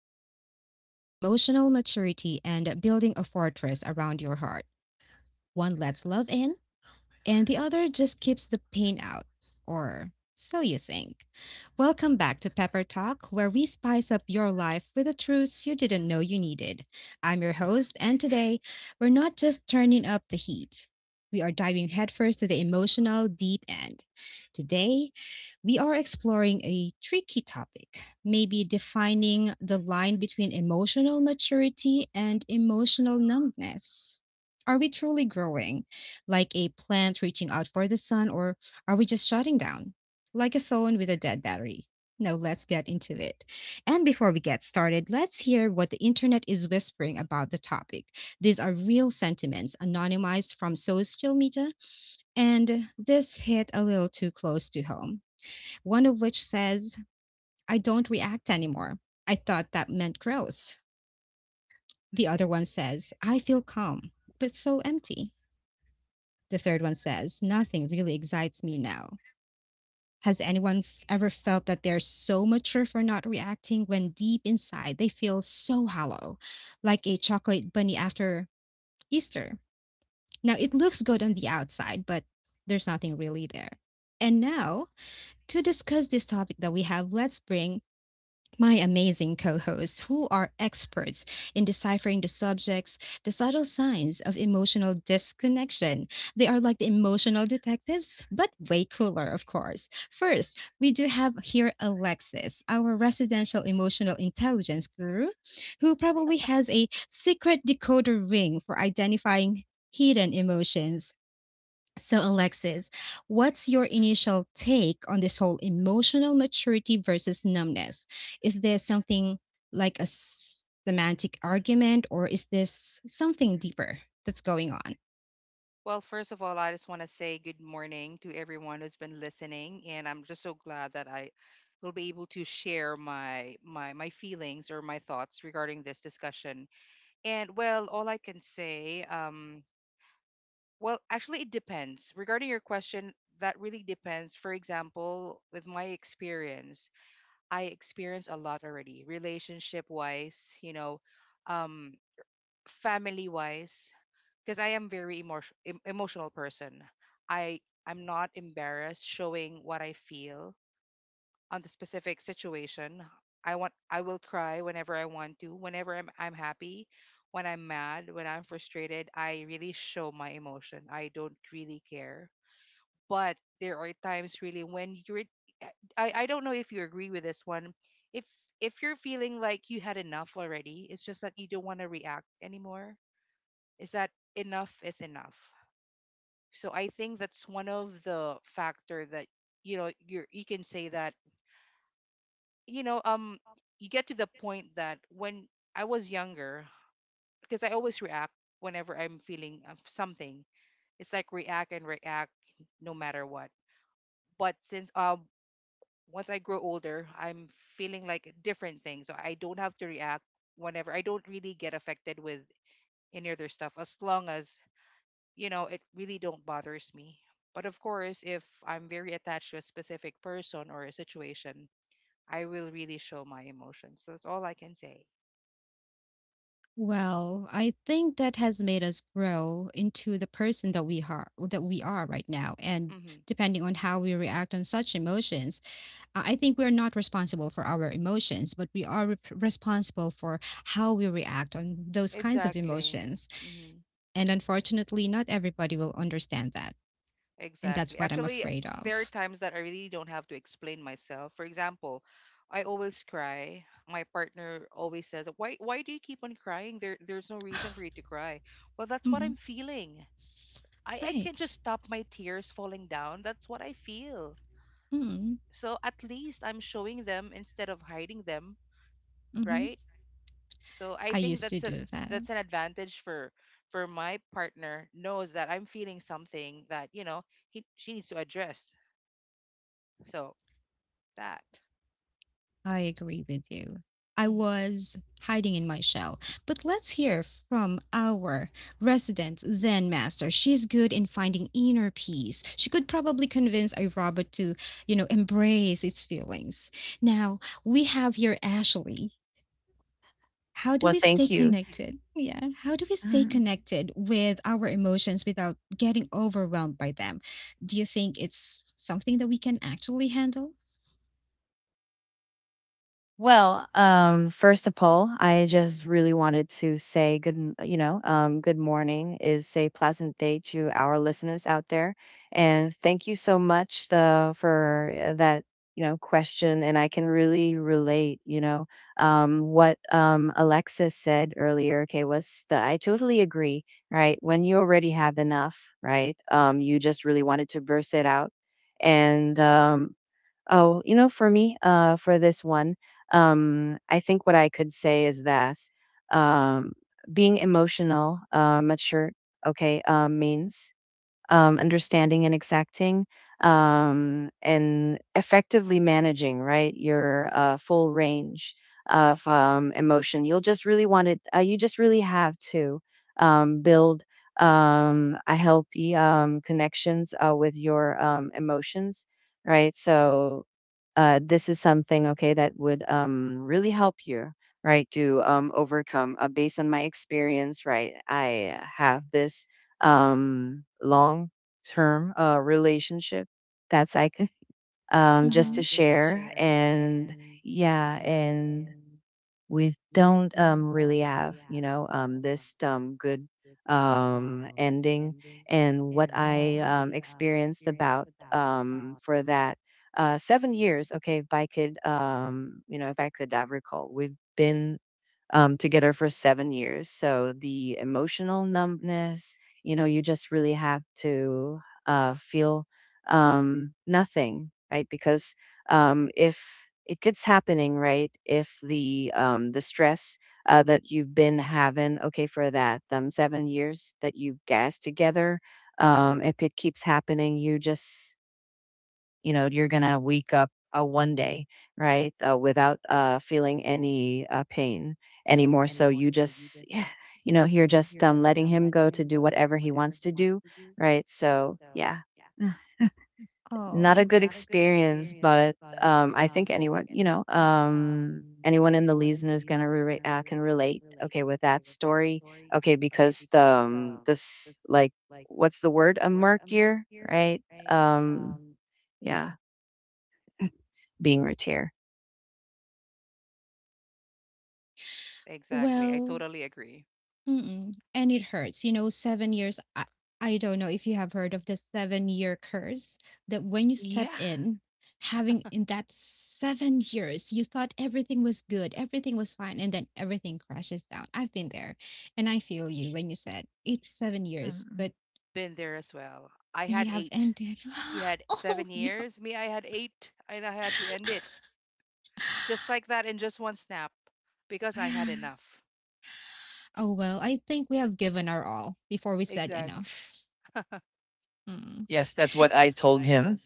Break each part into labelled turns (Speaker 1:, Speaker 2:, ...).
Speaker 1: difference between emotional maturity and building a fortress around your heart. One lets love in, and the other just keeps the pain out. Or so you think. Welcome back to Pepper Talk, where we spice up your life with the truths you didn't know you needed. I'm your host, and today we're not just turning up the heat. We are diving headfirst to the emotional deep end. Today, we are exploring a tricky topic, maybe defining the line between emotional maturity and emotional numbness. Are we truly growing, like a plant reaching out for the sun, or are we just shutting down, like a phone with a dead battery? No, let's get into it. And before we get started, let's hear what the internet is whispering about the topic. These are real sentiments anonymized from social media, and this hit a little too close to home. One of which says, I don't react anymore. I thought that meant growth. The other one says, I feel calm, but so empty. The third one says, nothing really excites me now. Has anyone ever felt that they're so mature for not reacting when deep inside they feel so hollow, like a chocolate bunny after Easter? Now, it looks good on the outside, but there's nothing really there. And now, to discuss this topic that we have, let's bring my amazing co hosts, who are experts in deciphering the subtle signs of emotional disconnection. They are like the emotional detectives, but way cooler, of course. First, we do have here Alexis, our residential emotional intelligence guru, who probably has a secret decoder ring for identifying hidden emotions. So, Alexis, what's your initial take on this whole emotional maturity versus numbness? Is there something like a semantic argument, or is this something deeper that's going on?
Speaker 2: Well, first of all, I just want to say good morning to everyone who's been listening, and I'm just so glad that I will be able to share my feelings or my thoughts regarding this discussion. And well, all I can say, well, actually, it depends. Regarding your question, that really depends. For example, with my experience, I experience a lot already, relationship wise. Um, Family wise, because I am very emotional person. I i'm not embarrassed showing what I feel on the specific situation. I will cry whenever I want to, whenever I'm happy, when I'm mad, when I'm frustrated. I really show my emotion, I don't really care. But there are times really when I don't know if you agree with this one. If if you're feeling like you had enough already, it's just that you don't want to react anymore. Is that Enough is enough. So I think that's one of the factor that, you can say that, you know um you get to the point that, when I was younger, because I always react whenever I'm feeling of something. It's like react and react no matter what. But since once I grow older, I'm feeling like different things. So I don't have to react. Whenever I don't really get affected with any other stuff, as long as, it really don't bothers me. But of course, if I'm very attached to a specific person or a situation, I will really show my emotions. That's all I can say.
Speaker 1: Well, I think that has made us grow into the person that we are right now. And
Speaker 2: Mm-hmm.
Speaker 1: depending on how we react on such emotions, I think we're not responsible for our emotions, but we are rep responsible for how we react on those kinds of
Speaker 2: Exactly.
Speaker 1: emotions.
Speaker 2: Mm-hmm.
Speaker 1: And unfortunately, not everybody will understand that. And that's
Speaker 2: Exactly.
Speaker 1: what I'm
Speaker 2: Actually,
Speaker 1: afraid
Speaker 2: there are
Speaker 1: of.
Speaker 2: times that I really don't have to explain myself. For example, I always cry. My partner always says, "Why? Why do you keep on crying? There's no reason for you to cry." Well, that's what I'm
Speaker 1: Mm,
Speaker 2: feeling. I
Speaker 1: right.
Speaker 2: can not just stop my tears falling down. That's what I feel.
Speaker 1: Mm,
Speaker 2: So at least I'm showing them instead of hiding them.
Speaker 1: hmm.
Speaker 2: Right. So I
Speaker 1: I
Speaker 2: think
Speaker 1: used to do that.
Speaker 2: that's an advantage for my partner knows that I'm feeling something that, he she needs to address. So that.
Speaker 1: I agree with you. I
Speaker 2: Hmm.
Speaker 1: was hiding in my shell. But let's hear from our resident Zen master. She's good in finding inner peace. She could probably convince a robot to embrace its feelings. Now, we have here Ashley. How do
Speaker 3: Well,
Speaker 1: we stay
Speaker 3: thank you.
Speaker 1: connected? Yeah. How do we stay
Speaker 3: Mhm.
Speaker 1: connected with our emotions without getting overwhelmed by them? Do you think it's something that we can actually handle?
Speaker 3: Well, first of all, I just really wanted to say good, m- you know, good morning is say pleasant day to our listeners out there, and thank you so much the for that question, and I can really relate, what Alexis said earlier. Okay, was the I totally agree, right? When you already have enough, right? You just really wanted to burst it out, and oh, for me, for this one, I think what I could say is that um, being emotional, mature, okay, means understanding and exacting and effectively managing, right, your full range of emotion. You'll just really want it, you just really have to build a healthy connections with your emotions, right? So, this is something, okay, that would really help you, right, to overcome, based on my experience. Right, I have this long term relationship that's just to
Speaker 1: Mm-hmm.
Speaker 3: share. And yeah, and we don't really have, this good ending. And what
Speaker 1: Oh.
Speaker 3: I experienced about, for that 7 years, okay, if I could, you know, if I could recall, we've been together for 7 years. So the emotional numbness, you just really have to feel nothing, right? Because if it keeps happening, right? If the the stress that you've been having, okay, for that 7 years that you've gassed together, if it keeps happening, you just you're gonna wake up one day, right, without feeling any pain anymore. So you just, yeah, you're just letting him go to do whatever he wants to do, right? So yeah. Mm. Not a
Speaker 1: Oh.
Speaker 3: good experience, but I think anyone, anyone in the listener is gonna can relate, okay, with that story, okay, because the this, like, what's the word, a murk year, right? um yeah, being retier.
Speaker 2: Exactly, I
Speaker 1: Well,
Speaker 2: totally agree.
Speaker 1: mm-mm. And it hurts. You know, 7 years. I don't know if you have heard of the 7-year curse that when you step
Speaker 3: Yeah.
Speaker 1: in, having in that 7 years, you thought everything was good, everything was fine, and then everything crashes down. I've been there. And I feel you when you said it's 7 years,
Speaker 3: Mm.
Speaker 1: but
Speaker 2: Been there as well, I
Speaker 1: you
Speaker 2: had
Speaker 1: have
Speaker 2: eight.
Speaker 1: ended.
Speaker 2: You had
Speaker 1: Oh,
Speaker 2: seven
Speaker 1: no.
Speaker 2: years me I had eight, and I had to end it, just like that, in just one snap, because I had enough.
Speaker 1: Oh, well, I think we have given our all before we said
Speaker 2: Exactly.
Speaker 1: enough. Mm.
Speaker 3: Yes, that's what I told him.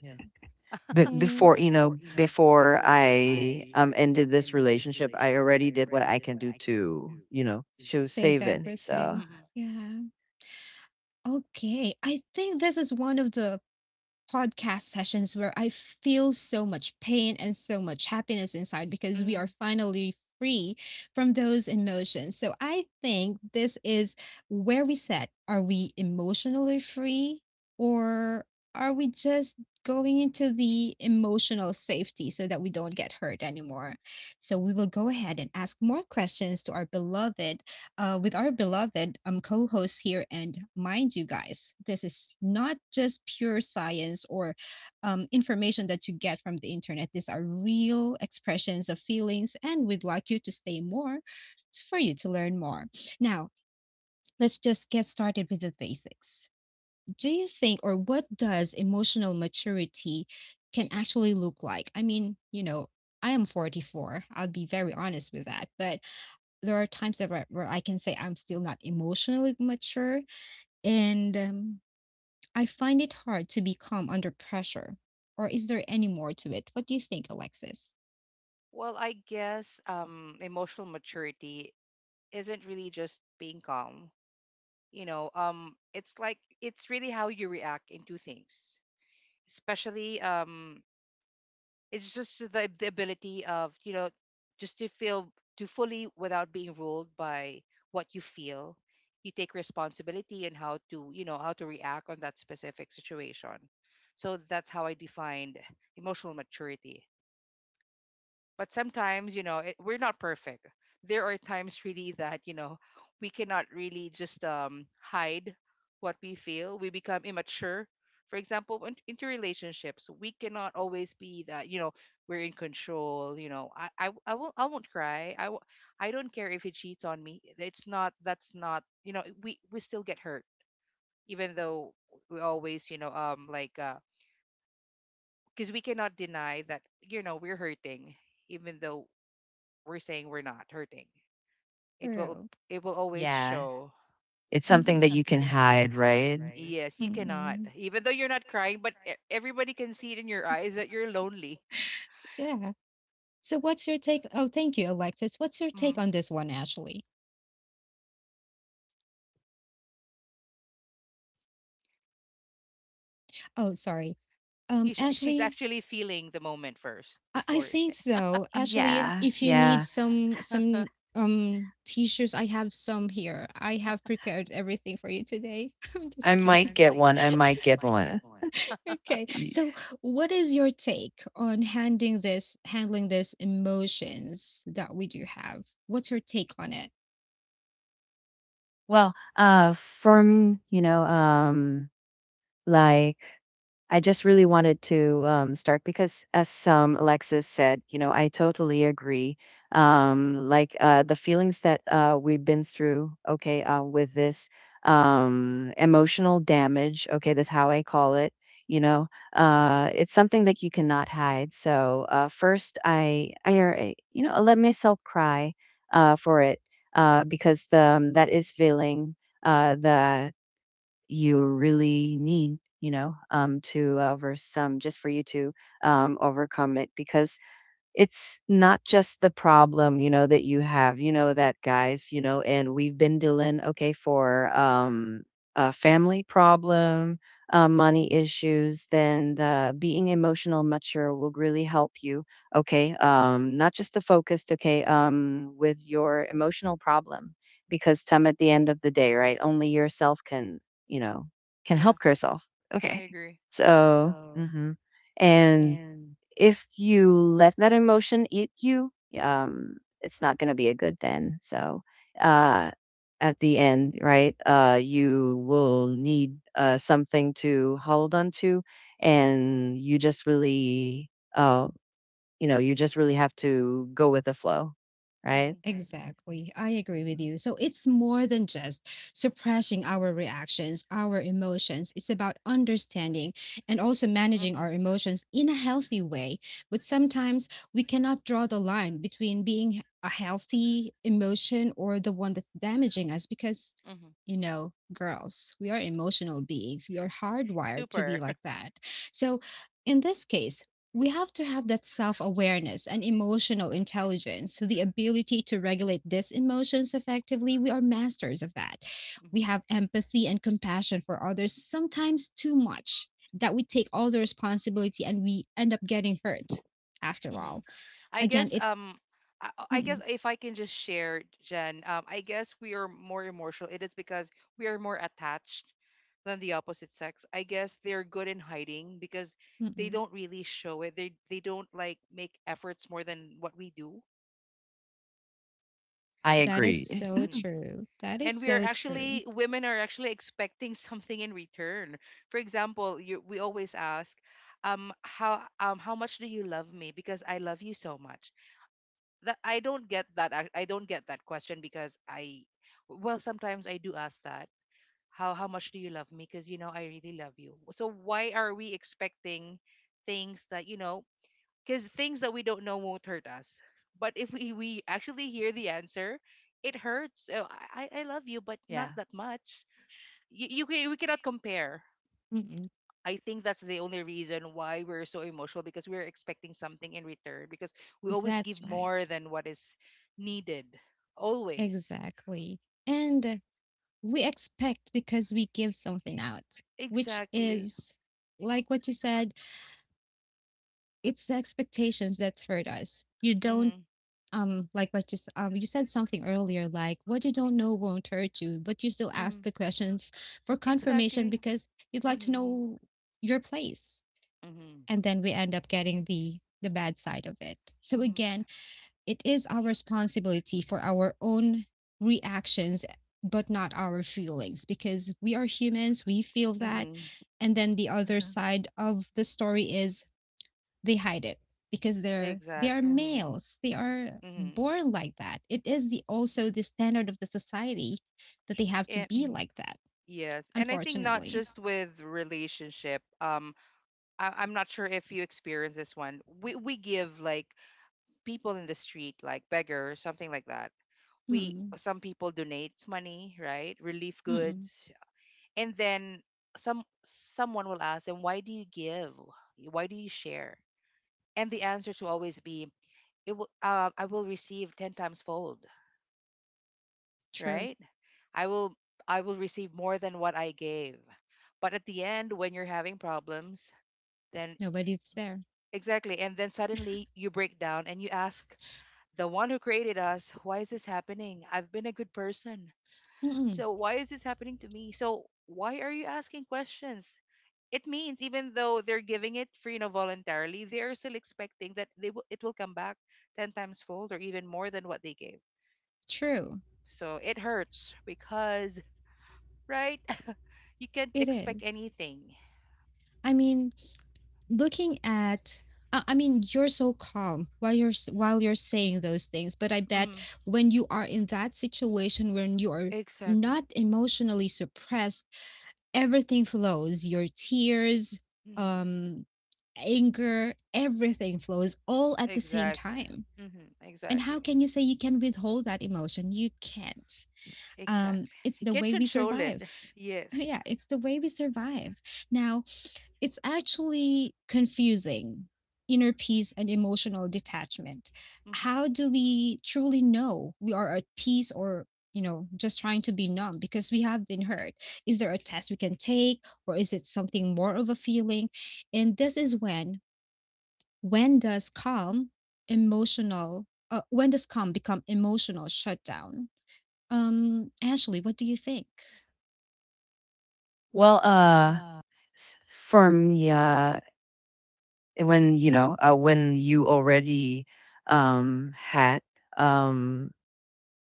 Speaker 1: But
Speaker 3: But
Speaker 1: mm.
Speaker 3: before, before I ended this relationship, I already did what I can do to, show
Speaker 1: Save
Speaker 3: saving. So
Speaker 1: everything. Stuff.
Speaker 2: Hmm.
Speaker 1: Yeah. Okay. I think this is one of the podcast sessions where I feel so much pain and so much happiness inside because we are finally free from those emotions. So I think this is where we said, are we emotionally free or are we just going into the emotional safety so that we don't get hurt anymore? So we will go ahead and ask more questions to our beloved with our beloved co host here. And mind you, guys, this is not just pure science or information that you get from the internet. These are real expressions of feelings, and we'd like you to stay more for you to learn more. Now, let's just get started with the basics. Do you think, or what does emotional maturity can actually look like? I mean, I am 44. I'll be very honest with that. But there are times that where I can say I'm still not emotionally mature, and I find it hard to be calm under pressure. Or is there any more to it? What do you think, Alexis?
Speaker 2: Well, I guess emotional maturity isn't really just being calm. You know, it's like it's really how you react into things, especially it's just the ability of, just to feel, to fully without being ruled by what you feel. You take responsibility and how to, how to react on that specific situation. So that's how I defined emotional maturity. But sometimes, we're not perfect. There are times really that, we cannot really just hide what we feel. We become immature. For example, in, into relationships, we cannot always be that, we're in control. You know, I won't cry. I don't care if he cheats on me. It's not, that's not, we still get hurt, even though we always, like because we cannot deny that, we're hurting, even though we're saying we're not hurting. It will,
Speaker 1: True.
Speaker 2: it will always
Speaker 3: yeah,
Speaker 2: show.
Speaker 3: it's something that
Speaker 1: It's
Speaker 3: you can
Speaker 1: mm-mm.
Speaker 3: hide, right?
Speaker 2: Yes, you
Speaker 1: Yeah.
Speaker 2: cannot.
Speaker 1: Mm-mm.
Speaker 2: Even though you're not crying, but everybody can see it in your eyes that you're lonely.
Speaker 1: Yeah. So what's your take? Oh, thank you, Alexis. What's your take
Speaker 2: Mm.
Speaker 1: on this one, Ashley? Oh, sorry.
Speaker 2: She's
Speaker 1: Ashley,
Speaker 2: actually feeling the moment first
Speaker 1: I
Speaker 2: before you say.
Speaker 1: think so. Actually,
Speaker 3: Yeah,
Speaker 1: if you need
Speaker 3: yeah.
Speaker 1: some tissues, I have some here. I have prepared everything for you today. I'm
Speaker 3: I
Speaker 1: just
Speaker 3: might
Speaker 1: kidding.
Speaker 3: get
Speaker 1: I
Speaker 3: one. I might get one.
Speaker 1: Okay.
Speaker 3: Y-
Speaker 1: So, what is your take on handling this emotions that we do have? What's your take on it?
Speaker 3: Well, from Like, I just really wanted to start because, as Alexis said, I totally agree. Like, the feelings that we've been through, okay, with this emotional damage, okay, that's how I call it. You know, it's something that you cannot hide. So, first, I let myself cry for it, because the, that is feeling. The you really need, to over some just for you to overcome it, because it's not just the problem, that you have, that, guys, and we've been dealing, okay, for a family problem, money issues, then the being emotional mature will really help you, okay, not just the focused, okay, with your emotional problem, because Tom, at the end of the day, right, only yourself can, you know, can
Speaker 2: Yeah,
Speaker 3: help yourself,
Speaker 2: I
Speaker 3: okay,
Speaker 2: agree.
Speaker 3: so, and if you let that emotion eat you, it's not going to be a good then. So, uh, at the end, right, you will need something to hold on to, and you just really, uh, you just really have to go with the flow, right?
Speaker 2: Mhm.
Speaker 1: Exactly. I agree with you. So it's more than just suppressing our reactions, our emotions. It's about understanding and also managing
Speaker 2: Mhm.
Speaker 1: our emotions in a healthy way. But sometimes we cannot draw the line between being a healthy emotion or the one that's damaging us because
Speaker 2: Mhm.
Speaker 1: you know, girls, we are emotional beings. We are hardwired to be
Speaker 2: Super.
Speaker 1: like that. So, in this case, we have to have that self awareness and emotional intelligence, the ability to regulate these emotions effectively. We are masters of that. We
Speaker 2: Mhm.
Speaker 1: have empathy and compassion for others, sometimes too much that we take all the responsibility and we end up getting hurt after all.
Speaker 2: Mhm. I
Speaker 1: Again,
Speaker 2: guess
Speaker 1: it,
Speaker 2: I I guess
Speaker 1: mm-mm,
Speaker 2: if I can just share, Jen, I guess we are more emotional. It is because we are more attached than the opposite sex. I guess they're good in hiding because they
Speaker 1: mm-mm.
Speaker 2: don't really show it. They don't like make efforts more than what we do.
Speaker 3: I
Speaker 1: That is
Speaker 3: agree.
Speaker 1: so
Speaker 2: Hmm.
Speaker 1: true. That is
Speaker 2: And we are
Speaker 1: so true.
Speaker 2: actually, women are actually expecting something in return. For example, you, we always ask, how, how much do you love me? Because I love you so much. That I don't get that, I don't get that question, because I, well, sometimes I do ask that, how much do you love me? Because you know I really love you. So why are we expecting things that you know? Because things that we don't know won't hurt us. But if we actually hear the answer, it hurts. So I love you but not
Speaker 3: Yeah.
Speaker 2: that much. You, we cannot compare. I think that's the only reason why we're so emotional, because we're expecting something in return, because we always give
Speaker 1: That's right.
Speaker 2: more than what is needed. Always.
Speaker 1: Exactly. And we expect because we give something out, which
Speaker 2: Exactly.
Speaker 1: is like what you said, it's the expectations that hurt us. You don't
Speaker 2: Mm-hmm.
Speaker 1: like what you said something earlier like what you don't know won't hurt you, but you still ask
Speaker 2: Mm-hmm.
Speaker 1: the questions for confirmation
Speaker 2: Exactly.
Speaker 1: because you'd like to
Speaker 2: Mm-hmm.
Speaker 1: know your place.
Speaker 2: Mm-hmm.
Speaker 1: And then we end up getting the bad side of it. So
Speaker 2: Mm-hmm.
Speaker 1: again, it is our responsibility for our own reactions but not our feelings because we are humans. We feel that.
Speaker 2: Mm-hmm.
Speaker 1: And then the other
Speaker 3: Hmm.
Speaker 1: side of the story is they hide it because they are
Speaker 2: Exactly. Mm-hmm.
Speaker 1: males. They are
Speaker 2: Mm-hmm.
Speaker 1: born like that. It is the also the standard of the society that they have to
Speaker 2: Yeah.
Speaker 1: be
Speaker 2: Mhm.
Speaker 1: like that,
Speaker 2: Yes. And I think not
Speaker 1: unfortunately.
Speaker 2: just with relationship. I'm not sure if you experience this one. We give like people in the street, like beggar or something like that. We,
Speaker 1: Mm.
Speaker 2: some people donates money, right, relief
Speaker 1: Mm.
Speaker 2: goods. And then, someone will ask them, why do you give? Why do you share? And the answer to always be, it will, I will receive 10 times fold.
Speaker 1: True.
Speaker 2: Right. i will I will receive more than what I gave. But at the end when you're having problems, then,
Speaker 1: Nobody's there.
Speaker 2: exactly, and then suddenly you break down and you ask the one who created us, why is this happening? I've been a good person.
Speaker 1: Mm.
Speaker 2: So why is this happening to me? So why are you asking questions? It means even though they're giving it free, you know, voluntarily, they're still expecting that, they will it will come back 10 times fold or even more than what they gave.
Speaker 1: True.
Speaker 2: So it hurts, because right, you can't
Speaker 1: It
Speaker 2: expect
Speaker 1: is.
Speaker 2: anything.
Speaker 1: I mean, looking at I mean, you're so calm while you're saying those things, but I bet
Speaker 2: Hmm.
Speaker 1: when you are in that situation when you are
Speaker 2: Exactly.
Speaker 1: not emotionally suppressed, everything flows. Your tears,
Speaker 2: Mm,
Speaker 1: um, anger, everything flows all at the same
Speaker 2: exactly.
Speaker 1: time.
Speaker 2: Hmm.
Speaker 1: And how
Speaker 2: Exactly.
Speaker 1: can you say you can withhold that emotion? You can't. Um,
Speaker 2: Exactly.
Speaker 1: it's
Speaker 2: You
Speaker 1: the
Speaker 2: can't
Speaker 1: way we
Speaker 2: control it.
Speaker 1: survive.
Speaker 2: Yes.
Speaker 1: Yeah, it's the way we survive. Now, it's actually confusing inner peace and emotional detachment.
Speaker 2: Mhm.
Speaker 1: How do we truly know we are at peace or just trying to be numb because we have been hurt? Is there a test we can take or is it something more of a feeling? And this is when does calm become emotional shutdown? Ashley, what do you think?
Speaker 3: Well, s- for me, and when when you already had um,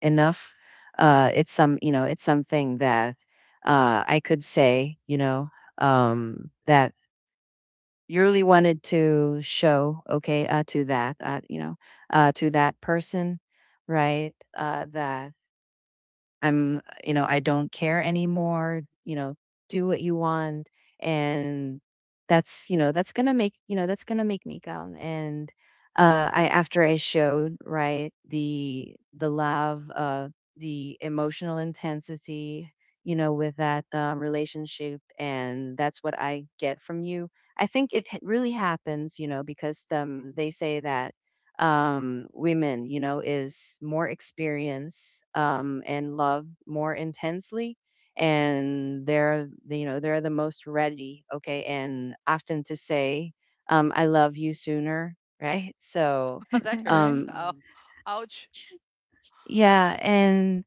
Speaker 3: enough, it's some it's something that I could say, that you really wanted to show, okay, to that, to that person, right, that I'm, I don't care anymore, do what you want. And that's, you know, that's gonna make, you know, that's gonna make me calm. And I after I showed, right, the love, the emotional intensity, with that relationship, and that's what I get from you. I think it really happens, because they say that women, is more experience and love more intensely. And they're, they're the most ready. Okay. And often to say, I love you sooner. Right. So,
Speaker 2: That
Speaker 1: Yeah.
Speaker 2: hurts.
Speaker 3: um,
Speaker 2: Ow. Ouch.
Speaker 3: yeah. And,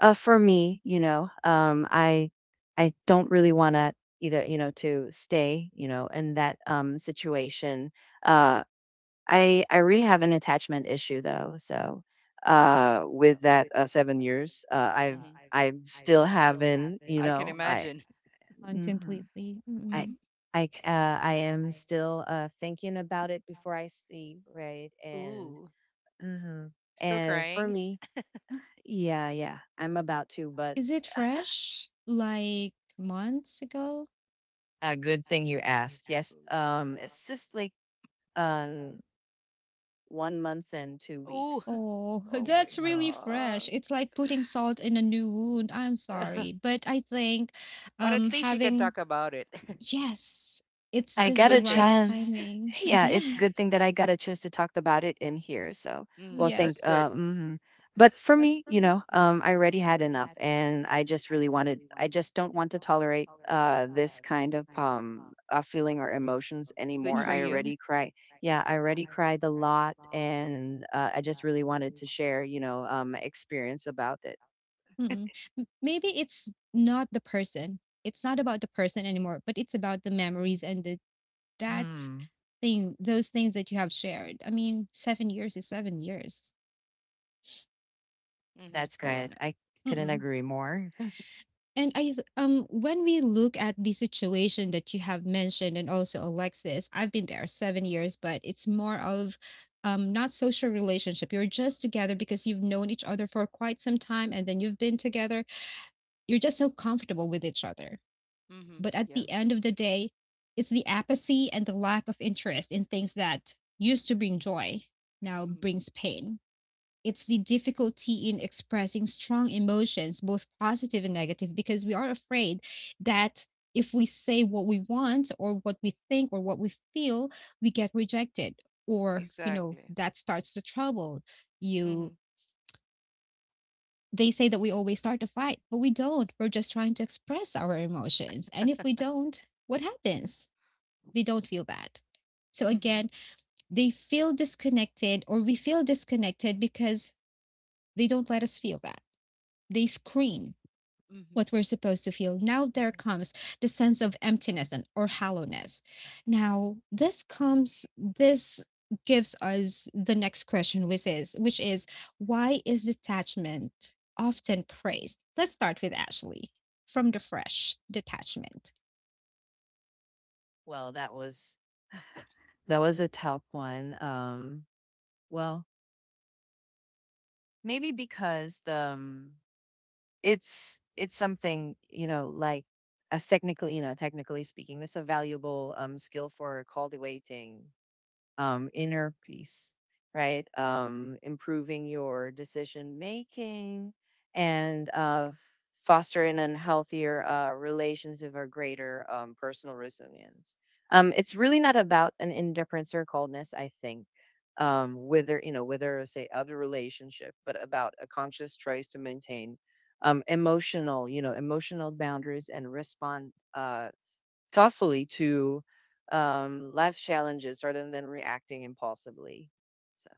Speaker 3: for me, I don't really want to either, to stay, in that situation, uh, I really have an attachment issue though. So, with that 7 years, I've
Speaker 2: Hmm.
Speaker 3: I still haven't,
Speaker 2: I can
Speaker 3: I.
Speaker 2: imagine.
Speaker 1: On
Speaker 3: Mhm.
Speaker 1: completely.
Speaker 3: I
Speaker 1: Mm-mm.
Speaker 3: I c- uh, I am still thinking about it before I sleep, right? And
Speaker 2: Ooh,
Speaker 3: mhm.
Speaker 2: still
Speaker 3: And for
Speaker 2: crying?
Speaker 3: me, yeah, yeah, I'm about to, but
Speaker 1: Is it fresh? Like months ago?
Speaker 3: a good thing you asked. Yes, it's just like um 1 month and two
Speaker 2: Ooh.
Speaker 3: weeks.
Speaker 1: Oh,
Speaker 2: Oh
Speaker 3: Yeah,
Speaker 2: my
Speaker 1: that's
Speaker 3: one
Speaker 1: really fresh.
Speaker 2: god.
Speaker 1: It's like putting salt in a new wound. I'm sorry, but I think
Speaker 2: But at least you can
Speaker 1: having
Speaker 2: talk about it.
Speaker 1: yes, it's
Speaker 3: I
Speaker 2: That's a
Speaker 1: just
Speaker 3: got
Speaker 1: the
Speaker 2: good
Speaker 3: a
Speaker 2: thing.
Speaker 1: right.
Speaker 3: chance. Hey, yeah, it's
Speaker 1: Yeah.
Speaker 3: good thing that I got a chance to talk about it in here. So, well,
Speaker 2: Mm,
Speaker 3: thank.
Speaker 2: that's
Speaker 1: Yes.
Speaker 2: good.
Speaker 3: Mhm. But for me, I already had enough, and I just really wanted. I just don't want to tolerate this kind of feeling or emotions
Speaker 2: Good
Speaker 3: anymore.
Speaker 2: for
Speaker 3: I
Speaker 2: you.
Speaker 1: Mm-mm.
Speaker 3: already cried. Yeah, I already cried a lot, and I just really wanted to share, my experience about it.
Speaker 1: Mm-mm. Maybe it's not the person. It's not about the person anymore, but it's about the memories and that
Speaker 3: Mm.
Speaker 1: those things that you have shared. I mean, 7 years is 7 years.
Speaker 2: Mm-hmm.
Speaker 3: That's
Speaker 1: Oh,
Speaker 2: Yeah.
Speaker 3: good. I couldn't
Speaker 1: no.
Speaker 3: agree more.
Speaker 1: And when we look at the situation that you have mentioned and also Alexis, I've been there 7 years, but it's more of not social relationship. You're just together because you've known each other for quite some time and then you've been together. You're just so comfortable with each other.
Speaker 2: Mm-hmm.
Speaker 1: But at
Speaker 2: Yeah.
Speaker 1: the end of the day, it's the apathy and the lack of interest in things that used to bring joy now
Speaker 2: Mm-hmm.
Speaker 1: brings pain. It's the difficulty in expressing strong emotions, both positive and negative, because we are afraid that if we say what we want or what we think or what we feel, we get rejected or
Speaker 2: Exactly.
Speaker 1: that starts the trouble.
Speaker 2: Mm-hmm.
Speaker 1: You They say that we always start a fight, but we don't. We're just trying to express our emotions. And if we don't, what happens? They don't feel that. So
Speaker 2: Mm-hmm.
Speaker 1: again, they feel disconnected or we feel disconnected because they don't let us feel that. They screen
Speaker 2: Mm-hmm.
Speaker 1: what we're supposed to feel. Now there comes the sense of emptiness and or hollowness. Now this gives us the next question which is why is detachment often praised? Let's start with Ashley from the fresh detachment.
Speaker 3: Well, that was a tough one. Well, maybe because the it's something as technically technically speaking, it's a valuable skill for call waiting inner peace, right? Improving your decision making and, fostering an healthier relationship or greater personal resilience. It's really not about an indifference or coldness, I think. Whether you know Whether say other relationship, but about a conscious choice to maintain emotional, emotional boundaries and respond thoughtfully to life challenges rather than reacting impulsively. So.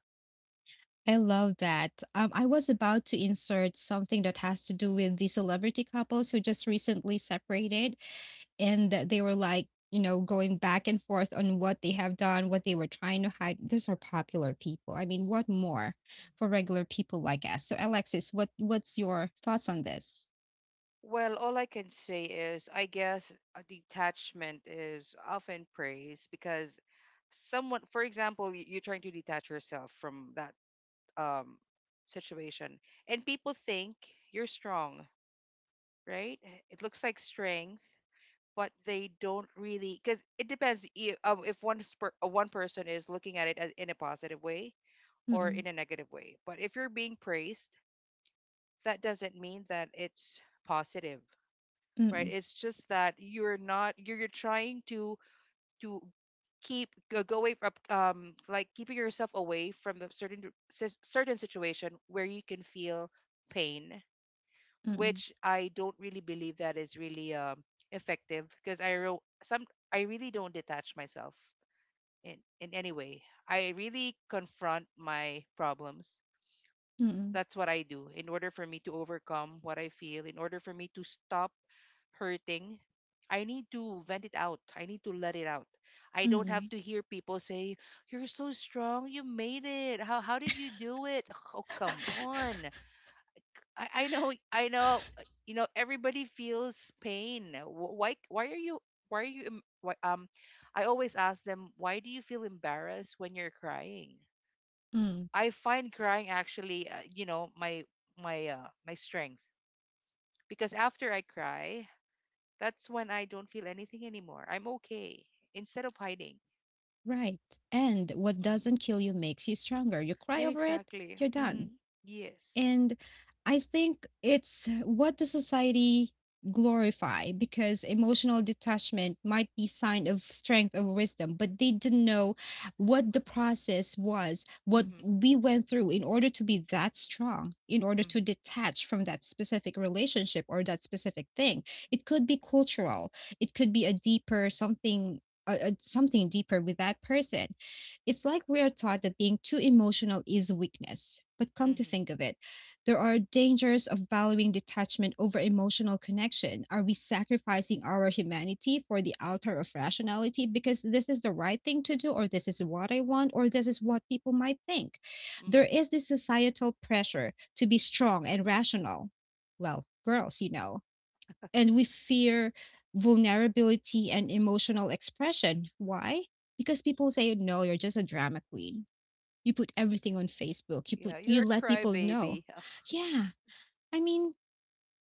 Speaker 1: I love that. I was about to insert something that has to do with the celebrity couples who just recently separated and that they were like, going back and forth on what they have done, what they were trying to hide. These are popular people. I mean, what more for regular people like us? So, Alexis, what's your thoughts on this?
Speaker 2: Well, all I can say is, I guess a detachment is often praised because, someone, for example, you're trying to detach yourself from that um situation, and people think you're strong, right? It looks like strength. But they don't really, because it depends. If one person is looking at it as, in a positive way or
Speaker 1: Mm-mm,
Speaker 2: in a negative way. But if you're being praised, that doesn't mean that it's positive, right?
Speaker 1: mm-mm,
Speaker 2: It's just that you're not, you're, you're trying to keep, go away from, like keeping yourself away from the certain situation where you can feel pain.
Speaker 1: mm-mm,
Speaker 2: Which I don't really believe that is really effective, because I ro- some I really don't detach myself in in any way. I really confront my problems.
Speaker 1: mm-mm,
Speaker 2: That's what I do in order for me to overcome what I feel, in order for me to stop hurting. I need to vent it out. I need to let it out. I don't have
Speaker 1: mm-mm.
Speaker 2: to hear people say, "You're so strong. You made it. How did you do it?" Oh, come on. I know you know, everybody feels pain. Why are you, why are you em- why, um I always ask them, "Why do you feel embarrassed when you're crying?"
Speaker 1: Mm,
Speaker 2: I find crying actually, you know, my, my strength, because after I cry, that's when I don't feel anything anymore. I'm okay, instead of hiding.
Speaker 1: right. And what
Speaker 2: Hmm.
Speaker 1: doesn't kill you makes you stronger. You cry over it,
Speaker 2: Exactly.
Speaker 1: you're done.
Speaker 2: Hmm. Yes.
Speaker 1: And I think it's what the society glorify because emotional detachment might be sign of strength or wisdom, but they didn't know what the process was, what
Speaker 2: Hmm.
Speaker 1: we went through in order to be that strong, in order to
Speaker 2: Hmm.
Speaker 1: detach from that specific relationship or that specific thing. It could be cultural, it could be a deeper something, something deeper with that person. It's like we are taught that being too emotional is weakness. But come to
Speaker 2: Hmm.
Speaker 1: think of it, there are dangers of valuing detachment over emotional connection. Are we sacrificing our humanity for the altar of rationality because this is the right thing to do, or this is what I want, or this is what people might think?
Speaker 2: Hmm.
Speaker 1: There is this societal pressure to be strong and rational. Well, girls, and we fear vulnerability and emotional expression. Why? Because people say, no, you're just a drama queen. You put everything on Facebook.
Speaker 2: Yeah, you're
Speaker 1: You
Speaker 2: a
Speaker 1: let people know.
Speaker 2: crybaby.
Speaker 1: Yeah. I mean,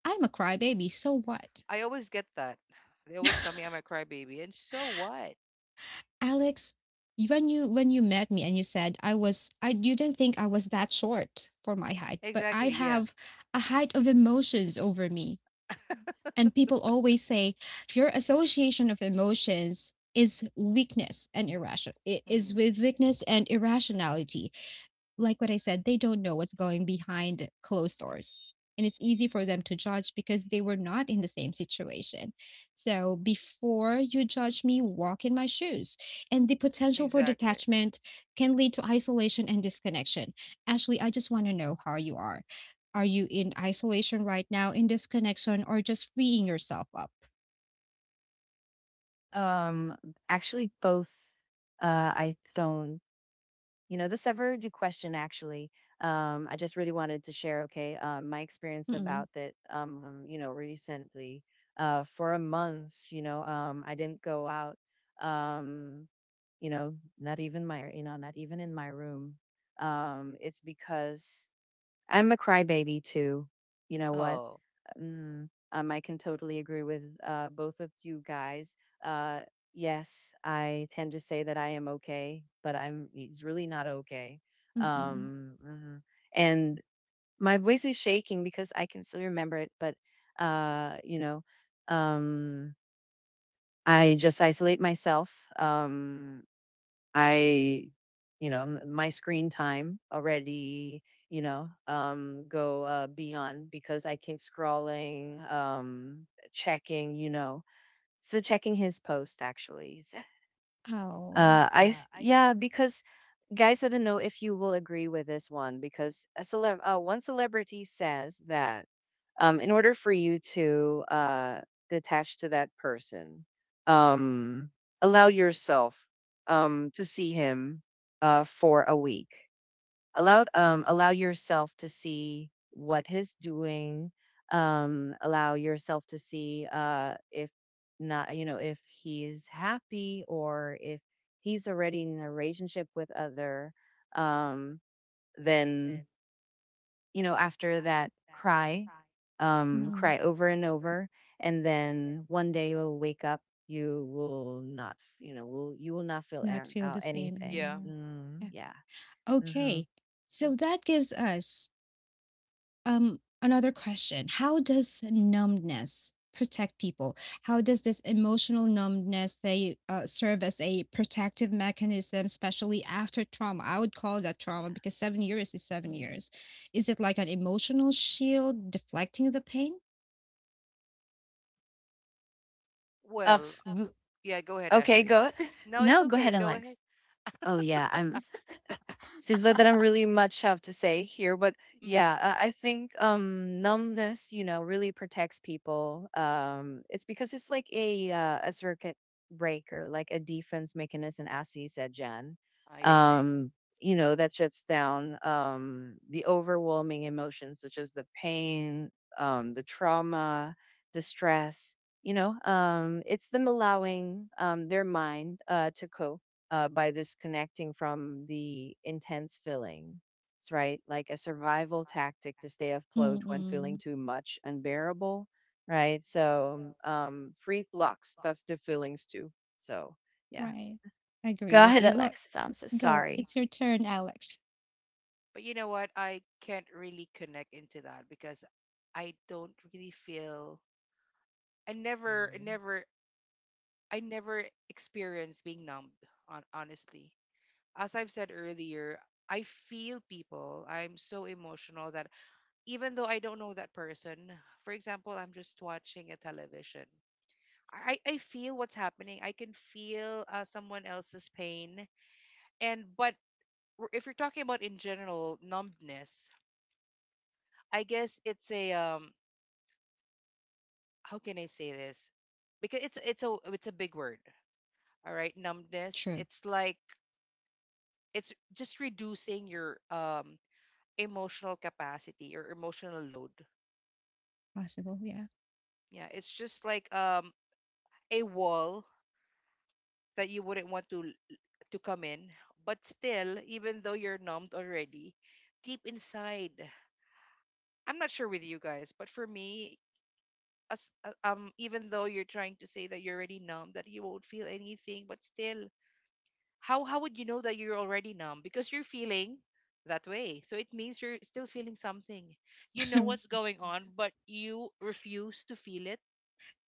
Speaker 1: I'm a crybaby, so what?
Speaker 2: I always get that. They always tell me I'm a crybaby, and so what?
Speaker 1: Alex, when you met me and you said I you didn't think I was that short for my height, but I
Speaker 2: Exactly. Yeah.
Speaker 1: have a height of emotions over me. And people always say your association of emotions is weakness and irrational is
Speaker 2: Mm-hmm.
Speaker 1: with weakness and irrationality. Like what I said, they don't know what's going behind closed doors. And it's easy for them
Speaker 2: Mm-hmm.
Speaker 1: to judge because they were not in the same situation.
Speaker 2: Mm-hmm.
Speaker 1: So before you judge me, walk in my shoes. And the potential for
Speaker 2: Exactly.
Speaker 1: detachment can lead to isolation and disconnection. Ashley, I just want to know how you are. Are you in isolation right now, in disconnection, or just freeing yourself up?
Speaker 3: Um, Actually, both. I don't. This ever do question actually. I just really wanted to share. Okay, my experience
Speaker 1: Mm-mm,
Speaker 3: about that. Recently, for a month, I didn't go out. Um, you know, Not even my, not even in my room. It's because I'm a crybaby too. You know what?
Speaker 2: Oh.
Speaker 3: Mm, I can totally agree with both of you guys. Uh, yes, I tend to say that I am okay, but I'm it's really not okay.
Speaker 1: mm-mm.
Speaker 3: Mhm. And my voice is shaking because I can still remember it, but, uh, you know, um, I just isolate myself. Um, I, m- my screen time already, go beyond because I keep scrolling, checking, so checking his post actually.
Speaker 1: Oh,
Speaker 2: Mm-hmm.
Speaker 3: Because, guys, I don't know if you will agree with this one, because one celebrity says that in order for you to detach to that person, um, allow yourself to see him for a week, allow
Speaker 2: Mm-hmm.
Speaker 3: yourself to see what he's doing, allow yourself to see if not, if he's happy or if he's already in a relationship with other, um then, after that cry,
Speaker 1: mm,
Speaker 3: cry over and over, and then one day you'll wake up, you will not f- you know will you will not feel
Speaker 1: not feel the same
Speaker 3: anything.
Speaker 2: Yeah.
Speaker 1: anymore.
Speaker 3: Mm, yeah. Mm-hmm.
Speaker 1: Okay. So that gives us another question. How does numbness protect people? How does this emotional numbness they serve as a protective mechanism, especially after trauma? I would call that
Speaker 3: Yeah.
Speaker 1: trauma because 7 years is seven
Speaker 3: Mhm.
Speaker 1: years. Is it like an emotional shield deflecting the pain?
Speaker 3: Uh,
Speaker 2: Well,
Speaker 3: w-
Speaker 2: yeah, go ahead,
Speaker 3: okay,
Speaker 2: Ashley.
Speaker 3: go.
Speaker 2: No, it's
Speaker 3: No, go
Speaker 2: okay.
Speaker 3: ahead,
Speaker 2: Go
Speaker 3: Alex.
Speaker 2: ahead.
Speaker 3: Oh yeah, I'm seems like that I really much have to say here, but
Speaker 2: Mm,
Speaker 3: yeah, I think numbness, really protects people. It's because it's like a circuit breaker, like a defense mechanism, as you said, Jen.
Speaker 2: I agree.
Speaker 3: Um, that shuts down the overwhelming emotions such as the pain, the trauma, the stress. It's them allowing their mind to cope by disconnecting from the intense feelings, right? Like a survival tactic to stay afloat when feeling
Speaker 1: Mm-mm.
Speaker 3: too much unbearable, right? So, free flux, that's the feelings too. So, yeah.
Speaker 1: Right. I agree
Speaker 3: Go
Speaker 1: with
Speaker 3: ahead,
Speaker 1: you. Go What
Speaker 3: Alexis. I'm so
Speaker 1: ahead. Go?
Speaker 3: sorry.
Speaker 1: It's your turn, Alex.
Speaker 2: But you know what? I can't really connect into that because I don't really feel. I never, I
Speaker 3: Mm.
Speaker 2: never, I never experience being numbed. On honestly, as I've said earlier, I feel people. I'm so emotional that even though I don't know that person, for example, I'm just watching a television. I feel what's happening. I can feel someone else's pain. And but if you're talking about in general numbness, I guess it's a how can I say this? Because it's a big word. All right, numbness.
Speaker 1: True.
Speaker 2: It's like it's just reducing your emotional capacity or emotional load.
Speaker 1: Possible. Yeah.
Speaker 2: Yeah, it's just like a wall that you wouldn't want to come in. But still, even though you're numbed already, deep inside. I'm not sure with you guys, but for me, as even though you're trying to say that you're already numb, that you won't feel anything, but still, how would you know that you're already numb? Because you're feeling that way, so it means you're still feeling something. You know what's going on, but you refuse to feel it.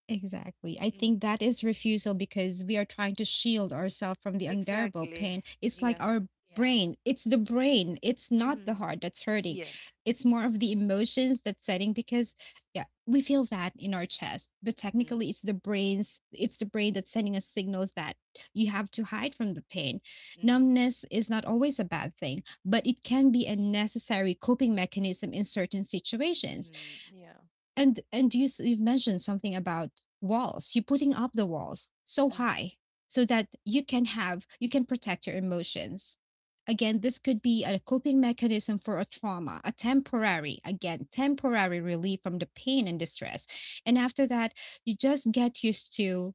Speaker 1: Exactly. I think
Speaker 2: Mm,
Speaker 1: that is refusal because we are trying to shield ourselves from the unbearable
Speaker 2: exactly.
Speaker 1: pain. It's like
Speaker 2: Yeah.
Speaker 1: our
Speaker 3: Yeah.
Speaker 1: brain, it's not the
Speaker 2: Mm-hmm.
Speaker 1: heart that's hurting.
Speaker 2: Yes.
Speaker 1: It's more of the emotions that's setting because yeah, we feel that in our chest. But
Speaker 2: Mm,
Speaker 1: technically it's the brain's it's the brain that's sending us signals that you have to hide from the pain.
Speaker 2: mm-hmm.
Speaker 1: Numbness is not always a bad thing, but it can be a necessary coping mechanism in certain situations.
Speaker 2: Mm-hmm. Yeah.
Speaker 1: And you've mentioned something about walls. You're putting up the walls so high
Speaker 2: Mm-hmm.
Speaker 1: so that you can have you can protect your emotions. Again, this could be a coping mechanism for a trauma, a temporary, again, temporary relief from the pain and distress. And after that, you just get used to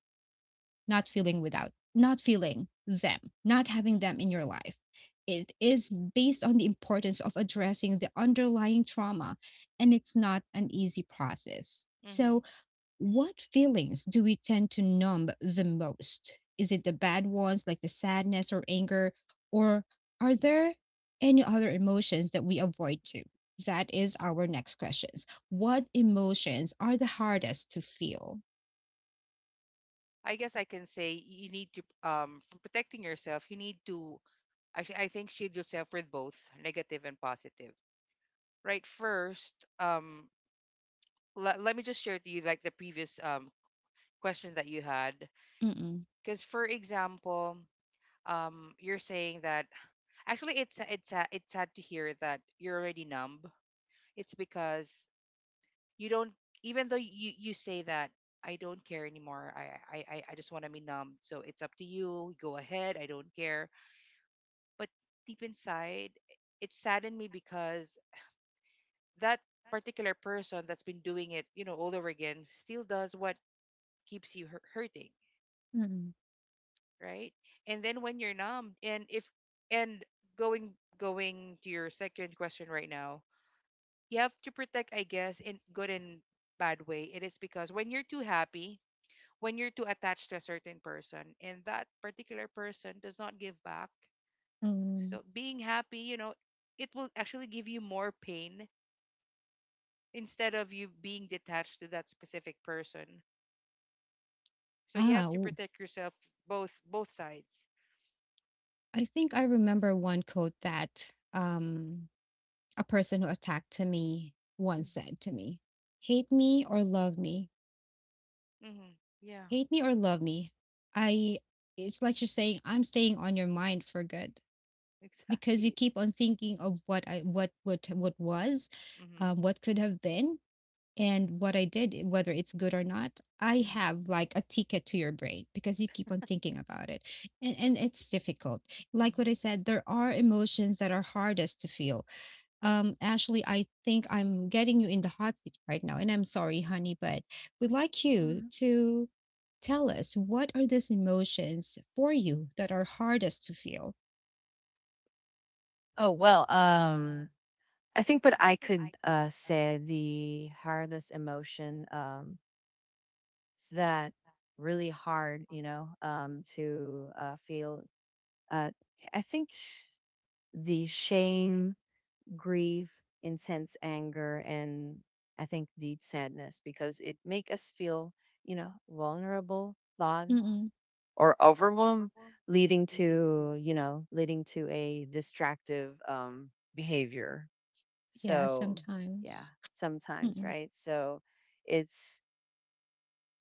Speaker 1: not feeling, without, not
Speaker 2: Mm-hmm.
Speaker 1: feeling them, not having them in your life. It is based on the importance of addressing the underlying trauma, and it's not an easy process.
Speaker 2: Mm-hmm.
Speaker 1: So, what feelings do we tend to numb the most? Is it the bad ones like the sadness or anger, or are there any other emotions that we avoid too? That is our next questions. What emotions are the hardest to feel?
Speaker 2: I guess I can say you need to, from protecting yourself, you need to, I think, shield yourself with both negative and positive. Right. First, um, let me just share to you like the previous question that you had.
Speaker 1: Mm-mm,
Speaker 2: Because for example, you're saying that actually it's sad to hear that you're already numb. It's because you don't, even though you say that I don't care anymore. I just want to be numb. So it's up to you. Go ahead. I don't care. But deep inside, it saddened me because that particular person that's been doing it, you know, all over again, still does what keeps you hurting,
Speaker 1: mm-mm, mm,
Speaker 2: right? And then when you're numb, and if, and going, going to your second question right now, you have to protect, I guess, in good and bad way. It is because when you're too happy, when you're too attached to a certain person and that particular person does not give back,
Speaker 1: mm, mm,
Speaker 2: so
Speaker 1: mm.
Speaker 2: being happy, you know, it will actually give you more pain instead of you being detached to that specific person. So you
Speaker 1: Ah,
Speaker 2: have to
Speaker 1: ooh.
Speaker 2: protect yourself both sides.
Speaker 1: I think I remember one quote that a person who attacked to me once said to
Speaker 2: Mm-hmm.
Speaker 1: me, "Hate me or love me,
Speaker 2: Mm-hmm. Yeah,
Speaker 1: hate me or love me." I it's like you're saying I'm staying on your mind for good because you
Speaker 2: exactly.
Speaker 1: keep on thinking of what would, what was,
Speaker 2: Mm-hmm.
Speaker 1: what could have been, and what I did, eh, whether it's good or not. I
Speaker 2: Mm-hmm.
Speaker 1: have like a ticket to your brain because you keep on thinking about it. And it's difficult. Like
Speaker 2: Mm-hmm.
Speaker 1: what I said, there are emotions that are hardest to feel. Ashley, I think I'm getting you in the hot seat right now. And I'm sorry, honey, but we'd like you
Speaker 3: Mhm.
Speaker 1: to tell us, what are these emotions for you that are hardest to feel?
Speaker 3: Oh, well, I think, but I could say the hardest emotion that really hard, to feel uh, I think the shame, grief, intense anger, and I think the sadness because it make us feel, you know, vulnerable, flawed,
Speaker 1: Mm-mm.
Speaker 3: or overwhelmed, leading to, leading to a distractive behavior.
Speaker 1: Yeah,
Speaker 3: So, yeah,
Speaker 1: sometimes.
Speaker 3: sometimes,
Speaker 1: Mm-mm.
Speaker 3: right? So, it's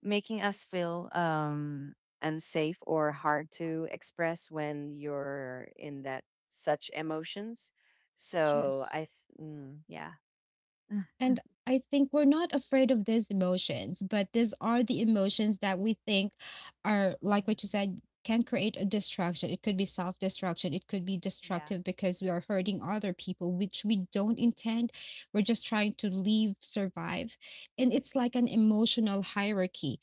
Speaker 3: making us feel unsafe or hard to express when you're in that such emotions. So
Speaker 1: Yes.
Speaker 3: I, th- yeah.
Speaker 1: And I think we're not afraid of these emotions, but these are the emotions that we think are, like what you
Speaker 3: Mm,
Speaker 1: said, can create a distraction. It could be self destruction. It could be
Speaker 3: yeah.
Speaker 1: destructive because we are hurting other people, which we don't intend. We're just trying to live, survive. And it's like an emotional hierarchy.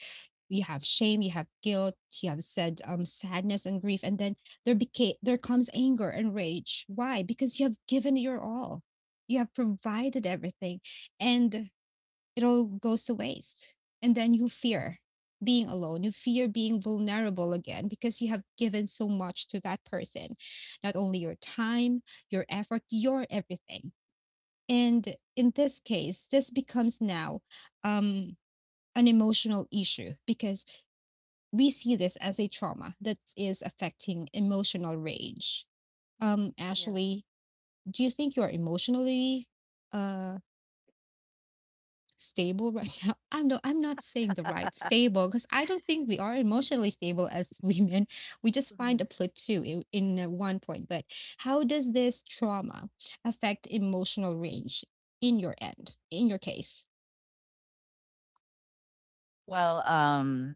Speaker 1: You have shame, you have guilt, you have said sadness and grief, and then there comes anger and rage. Why? Because you have given your all, you have provided everything, and it all goes to waste. And then you fear being alone, you fear being vulnerable again because you have given so much to that person, not only your time, your effort, your everything. And in this case, this becomes now um an emotional issue because we see this as a trauma that is affecting emotional rage.
Speaker 2: Mm-hmm. Yeah.
Speaker 1: Ashley, do you think you're emotionally uh stable right now? I'm no, I'm not saying the right stable because I don't think we are emotionally stable as women. We just find
Speaker 2: Hmm.
Speaker 1: a plateau in, one point. But how does this trauma affect emotional range in your end, in your case?
Speaker 3: Well,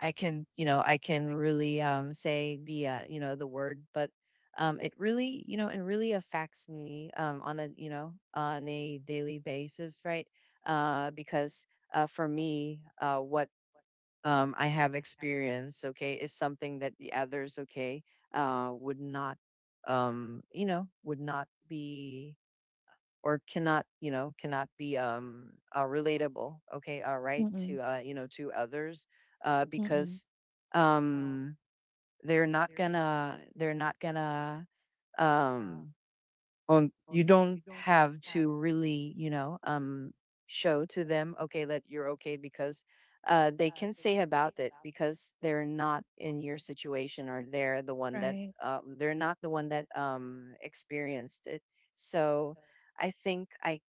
Speaker 3: I can, you know, I can really say the, the word, but it really, you know, it really affects me on a, on a daily basis, right? Because for me, what I have experience, okay, is something that the others, okay, would not, would not be or cannot, cannot be relatable, okay, all right,
Speaker 1: Mm-mm,
Speaker 3: to, to others
Speaker 1: mm-mm,
Speaker 3: because um, they're not gonna, um, on you don't have to really, show to them, okay, that you're okay because they can say about it because they're not in your situation or they're the one that they're not the one that experienced it. So I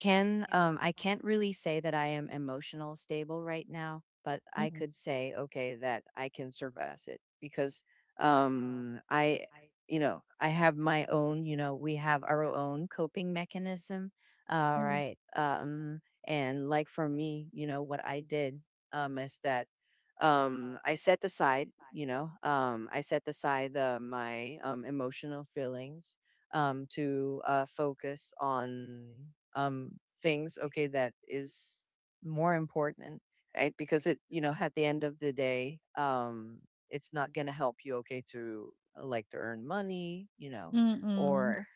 Speaker 3: can I can't really say that I am emotional stable right now, but I could say okay that I can surpass it because I you know, I have my own, you know, we have our own coping mechanism. All right. And like for me, you know, what I did is that I set aside, I set aside the my emotional feelings to focus on um, things, okay, that is more important, right? Because it, at the end of the day, it's not going to help you, okay, to like to earn money, you know,
Speaker 1: mm-mm.
Speaker 3: or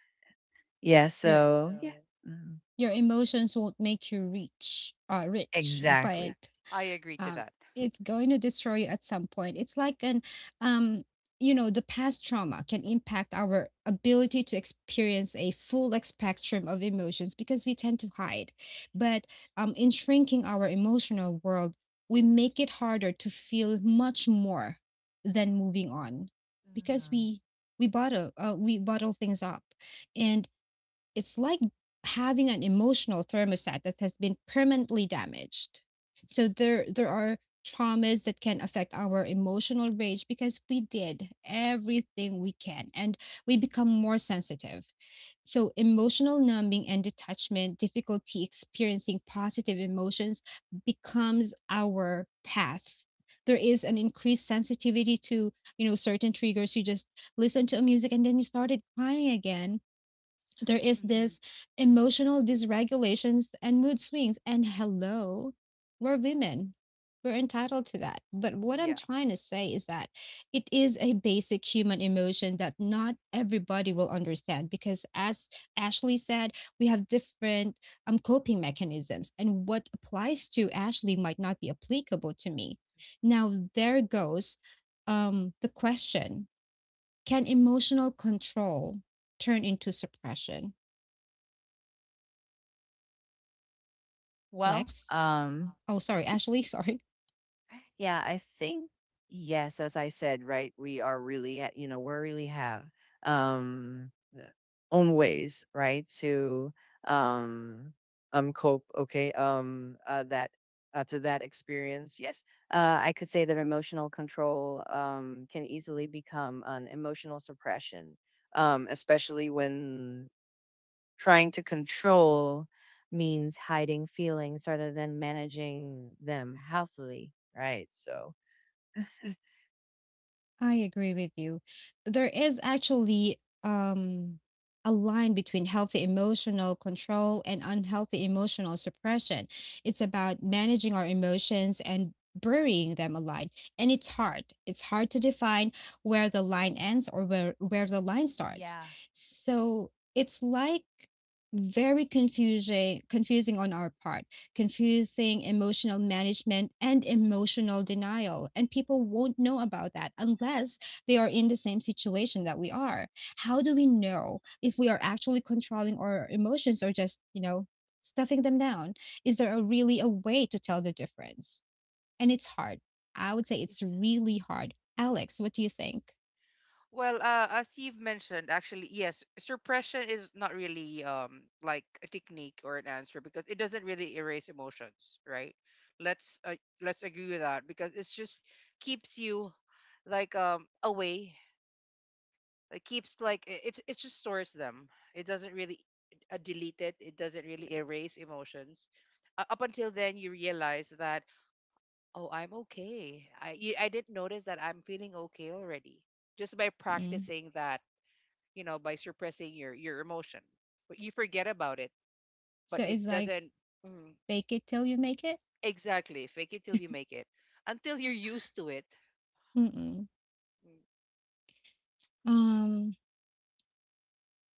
Speaker 3: yeah.
Speaker 1: Your
Speaker 3: So yeah, mhm,
Speaker 1: your emotions won't make you rich, rich,
Speaker 3: exactly.
Speaker 1: but
Speaker 2: I agree to
Speaker 1: um
Speaker 2: that.
Speaker 1: it's going to destroy you at some point. It's like an um you know, the past trauma can impact our ability to experience a full, like, spectrum of emotions because we tend to hide. But in shrinking our emotional world, we make it harder to feel much more than moving on, because
Speaker 3: Mhm.
Speaker 1: we bottle, we bottle things up. And it's like having an emotional thermostat that has been permanently damaged. So there are traumas that can affect our emotional range because we did everything we can, and we become more sensitive. So emotional numbing and detachment, difficulty experiencing positive emotions becomes our path. There is
Speaker 2: Mm-hmm.
Speaker 1: an increased sensitivity to, you know, certain triggers. You just listen to a music and then you started crying again. There is
Speaker 2: Mm-hmm.
Speaker 1: this emotional dysregulations and mood swings, and hello, we're women, we're entitled to that. But what I'm
Speaker 2: Yeah.
Speaker 1: trying to say is that it is a basic human emotion that not everybody will understand, because as Ashley said, we have different coping mechanisms, and what applies to Ashley might not be applicable to me. Now there goes the question, can emotional control turn into suppression?
Speaker 3: Well,
Speaker 1: Lex. Oh, sorry, Ashley. Sorry.
Speaker 3: yeah, I think Yes, as I said, right, we are really, you know, we're really have. Um, Own ways, right? To um cope, okay? That to that experience. Yes, I could say that emotional control can easily become an emotional suppression, especially when trying to control means hiding feelings rather than managing them healthily, right? So,
Speaker 1: I agree with you. There is actually um, a line between healthy emotional control and unhealthy emotional suppression. It's about managing our emotions and burying them alive. And it's hard. It's hard to define where the line ends, or where the line starts.
Speaker 3: yeah.
Speaker 1: So it's like very confusing on our part, confusing emotional management and emotional denial. And people won't know about that unless they are in the same situation that we are. How do we know if we are actually controlling our emotions or just, you know, stuffing them down? Is there a really a way to tell the difference? And it's hard. I would say it's
Speaker 3: It's
Speaker 1: really hard. Alex, what do you think?
Speaker 2: Well, as you've mentioned, actually, yes, suppression is not really like a technique or an answer, because it doesn't really erase emotions, right? Let's uh, let's agree with that, because it's just keeps you like away, it keeps like it's, it just stores them. It doesn't really delete it. It doesn't really erase emotions. Up until then, you realize that oh, I'm okay. I didn't notice that I'm feeling okay already just by
Speaker 1: Mm-mm.
Speaker 2: practicing that. You know, by suppressing your emotion, but you forget about it.
Speaker 1: So
Speaker 2: But it
Speaker 1: it's like
Speaker 2: doesn't, mm,
Speaker 1: bake it till you make it.
Speaker 2: exactly, fake it till you make it. Until you're used to it.
Speaker 1: Mm-mm. Um,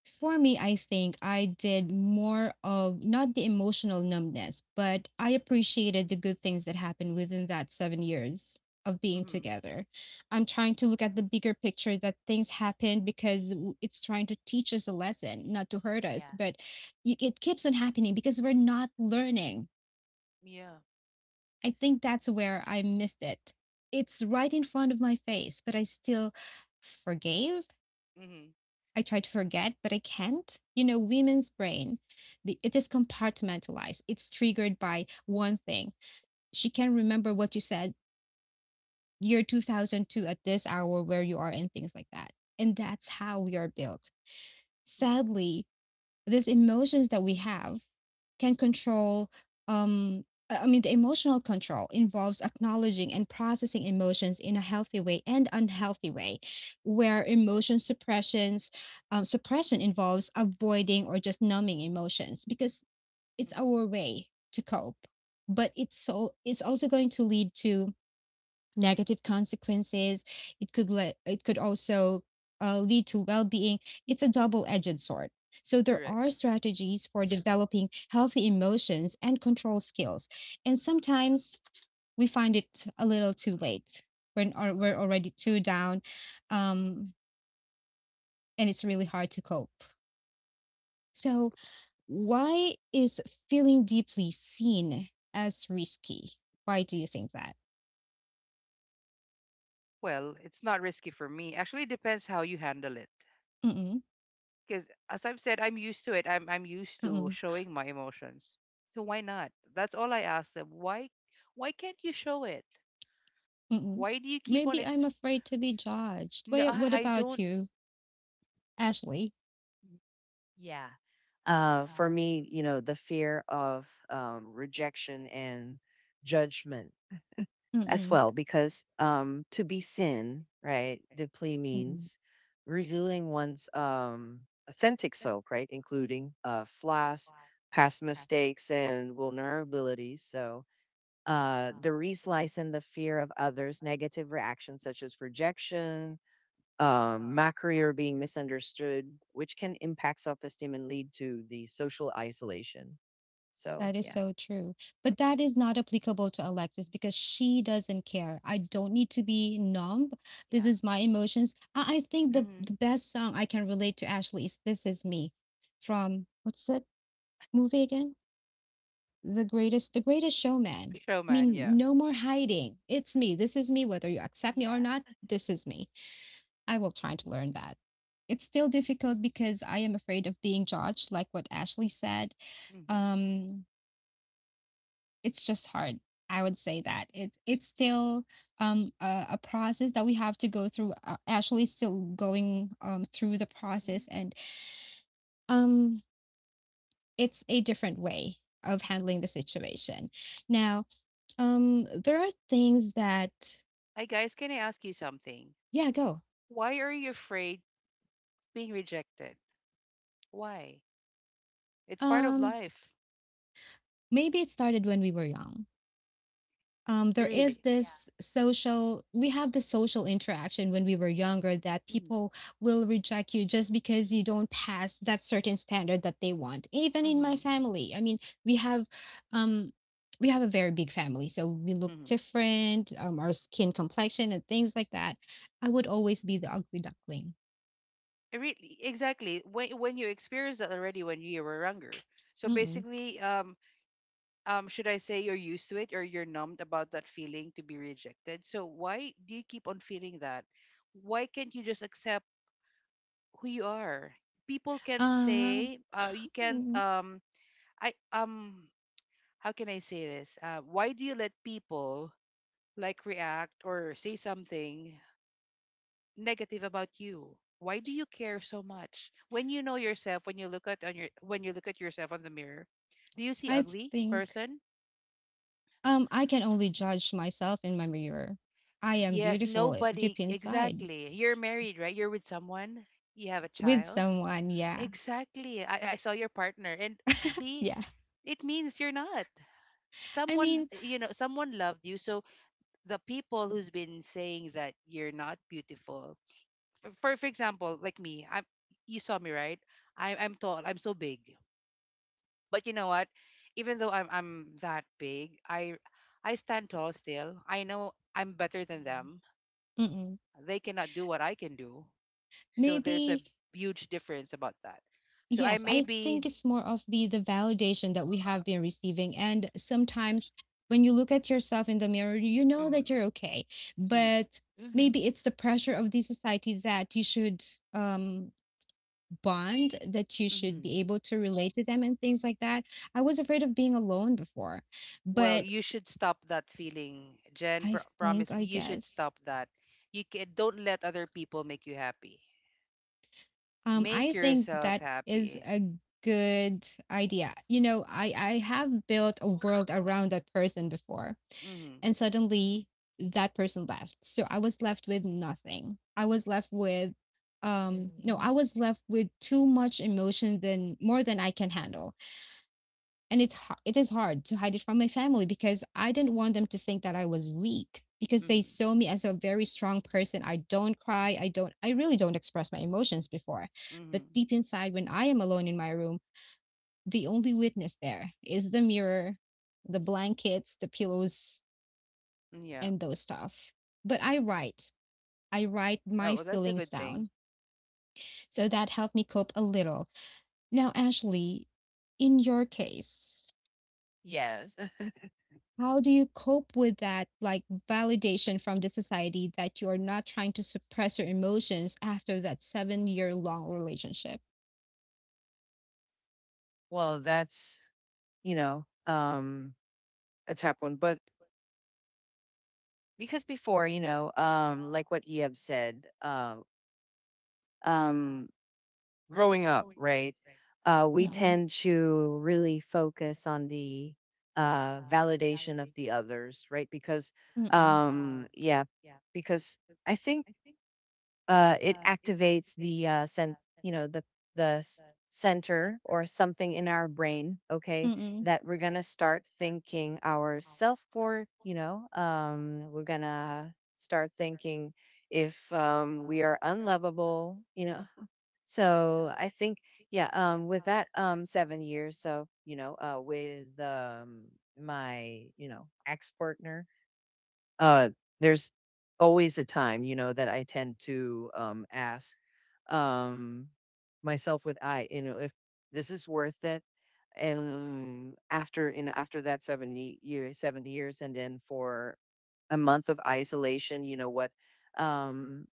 Speaker 1: For me, I think I did more of not the emotional numbness, but I appreciated the good things that happened within that 7 years of being
Speaker 2: Mm-hmm.
Speaker 1: together. I'm trying to look at the bigger picture that things happened because it's trying to teach us a lesson, not to hurt us,
Speaker 3: yeah.
Speaker 1: but it keeps on happening because we're not learning.
Speaker 2: Yeah.
Speaker 1: I think that's where I missed it. It's right in front of my face, but I still forgave.
Speaker 2: Mm-hmm.
Speaker 1: I try to forget, but I can't. You know, women's brain, it is compartmentalized. It's triggered by one thing. She can remember what you said year 2002 at this hour where you are and things like that. And that's how we are built. Sadly, these emotions that we have can control um I mean the emotional control involves acknowledging and processing emotions in a healthy way and unhealthy way where emotion suppressions suppression involves avoiding or just numbing emotions because it's
Speaker 2: Mm-hmm.
Speaker 1: our way to cope but it's also going to lead to negative consequences. It could also lead to well-being. It's a double-edged sword. So there are strategies for developing healthy emotions and control skills, and sometimes we find it a little too late. When are we're already too down, um, and it's really hard to cope. So why is feeling deeply seen as risky? Why do you think that?
Speaker 2: Well, it's not risky for me. Actually, it depends how you handle it.
Speaker 1: Mm-mm,
Speaker 2: Because as I've said, I'm used to it. I'm used to
Speaker 1: mm-mm.
Speaker 2: showing my emotions. So why not? That's all I ask them. Why can't you show it?
Speaker 1: Mm.
Speaker 2: Why do you keep on
Speaker 1: Maybe I'm
Speaker 2: ex?
Speaker 1: afraid to be judged.
Speaker 2: No,
Speaker 1: Wha
Speaker 2: I,
Speaker 1: what
Speaker 2: I
Speaker 1: about
Speaker 2: don't.
Speaker 1: you, Ashley?
Speaker 3: Yeah. For me, you know, the fear of rejection and judgment as
Speaker 1: Mm-mm,
Speaker 3: well, because to be seen, right, deeply
Speaker 1: mm-mm.
Speaker 3: means revealing one's authentic self, right, including flaws, past mistakes, and vulnerabilities. So the reslice and the fear of others' negative reactions, such as rejection, my career being misunderstood, which can impact self esteem and lead to the social isolation.
Speaker 1: That
Speaker 3: So,
Speaker 1: is
Speaker 3: yeah.
Speaker 1: so true. But that is not applicable to Alexis because she doesn't care. I don't need to be numb. This
Speaker 3: Yeah.
Speaker 1: is my emotions. I think
Speaker 3: Mm,
Speaker 1: the,
Speaker 2: Mm-hmm.
Speaker 1: the best song I can relate to Ashley is This Is Me from what's that movie again? The greatest showman. I
Speaker 2: Showman,
Speaker 1: mean,
Speaker 2: yeah.
Speaker 1: no more hiding. It's me. This is me. Whether you accept me
Speaker 3: yeah.
Speaker 1: or not, this is me. I will try to learn that. It's still difficult because I am afraid of being judged, like what Ashley said.
Speaker 2: Mm-hmm.
Speaker 1: Um, it's just hard. I would say that it's still a process that we have to go through. Ashley's still going through the process,
Speaker 3: Mhm.
Speaker 1: and um, it's a different way of handling the situation. Now, there are things that
Speaker 2: Hi guys, can I ask you something?
Speaker 1: yeah, go.
Speaker 2: Why are you afraid being rejected? Why? It's part of
Speaker 1: Um,
Speaker 2: life,
Speaker 1: Maybe it started when we were young, there is
Speaker 2: really.
Speaker 3: Yeah.
Speaker 1: this social we have this social interaction when we were younger that
Speaker 2: Mm-hmm.
Speaker 1: people will reject you just because you don't pass that certain standard that they want, even in my
Speaker 2: Mm-hmm.
Speaker 1: family. I mean, we have um we have a very big family, so we look
Speaker 2: Mm-hmm.
Speaker 1: different, our skin complexion and things like that. I would always be the ugly duckling.
Speaker 2: Really, exactly. When you experienced that already when you were younger. So
Speaker 1: Mm-mm.
Speaker 2: basically, should I say you're used to it, or you're numbed about that feeling to be rejected? So why do you keep on feeling that? Why can't you just accept who you are? People can't
Speaker 1: uh
Speaker 2: say, you can't,
Speaker 1: mm,
Speaker 2: I, um, how can I say this? Why do you let people like react or say something negative about you? Why do you care so much when you know yourself? When you look at on your, when you look at yourself on the mirror, do you see
Speaker 1: I
Speaker 2: ugly
Speaker 1: think
Speaker 2: person?
Speaker 1: I can only judge myself in my mirror. I am
Speaker 2: Yes,
Speaker 1: beautiful,
Speaker 2: nobody.
Speaker 1: deep inside.
Speaker 2: Exactly. You're married, right? You're with someone, you have a
Speaker 1: With
Speaker 2: child.
Speaker 1: someone. Yeah.
Speaker 2: Exactly. I saw your partner, and see,
Speaker 1: Yeah.
Speaker 2: it means you're not,
Speaker 1: I
Speaker 2: someone,
Speaker 1: mean,
Speaker 2: you know, someone loved you. So the people who's been saying that you're not beautiful, for example like me, I'm you saw me, right? I'm tall, I'm so big. But you know what? Even though I'm that big, I stand tall still. I know I'm better than them.
Speaker 1: mm-mm.
Speaker 2: They cannot do what I can do. So there's a
Speaker 1: Maybe,
Speaker 2: huge difference about that. So I
Speaker 1: yes,
Speaker 2: may
Speaker 1: I
Speaker 2: be,
Speaker 1: think it's more of the validation that we have been receiving. And sometimes when you look at yourself in the mirror, you know that
Speaker 2: mm,
Speaker 1: you're okay.
Speaker 2: mm,
Speaker 1: But
Speaker 3: Mm-hmm. Mm-hmm.
Speaker 1: maybe it's the pressure of the society that you should um bond, that you should
Speaker 2: mm.
Speaker 1: be able to relate to them and things like that. I was afraid of being alone before,
Speaker 2: Well,
Speaker 1: but
Speaker 2: you should stop that feeling, Jen.
Speaker 1: I think,
Speaker 2: Promise me,
Speaker 1: I
Speaker 2: you should
Speaker 1: guess,
Speaker 2: stop that. You can, don't let other people make you happy.
Speaker 1: um, I
Speaker 2: Make
Speaker 1: think
Speaker 2: yourself
Speaker 1: that is
Speaker 2: happy.
Speaker 1: a good idea. You know, I have built a world around that person before,
Speaker 2: Mm-hmm.
Speaker 1: and suddenly that person left. So I was left with nothing. I was left with no
Speaker 3: Mm-hmm.
Speaker 1: I was left with too much emotion, than more than I can handle, and it is hard to hide it from my family because I didn't want them to think that I was weak because they
Speaker 2: Mm-hmm.
Speaker 1: saw me as a very strong person. I don't cry. I don't. I really don't express my emotions before, but
Speaker 2: Mm-hmm.
Speaker 1: deep inside, when I am alone in my room, the only witness there is the mirror, the blankets, the pillows,
Speaker 2: Yeah.
Speaker 1: and those stuff. But I write. I write
Speaker 2: Oh,
Speaker 1: my
Speaker 2: well, that's a
Speaker 1: feelings
Speaker 2: good thing.
Speaker 1: down. So that helped me cope a little. Now, Ashley, in your case,
Speaker 3: Yes.
Speaker 1: how do you cope with that, like, validation from the society, that you're not trying to suppress your emotions after that seven-year-long relationship?
Speaker 3: Well, that's, you know, um, a tough one. But because before, like what you have said, um, growing up, right? We
Speaker 1: Mm-mm,
Speaker 3: tend to really focus on the validation of the others, right? Because,
Speaker 1: mm-mm,
Speaker 3: yeah, because I think it activates the the the s- center or something in our brain, okay,
Speaker 1: mm-mm.
Speaker 3: that we're gonna start thinking ourself for, we're gonna start thinking if we are unlovable, you know, so I think, yeah, with that, 7 years. So, with, my, you know, ex partner, uh, there's always a time, you know, that I tend to, ask, um, myself with I, you know, if this is worth it. And after, after that seven years, and then for a month of isolation, you know what, um,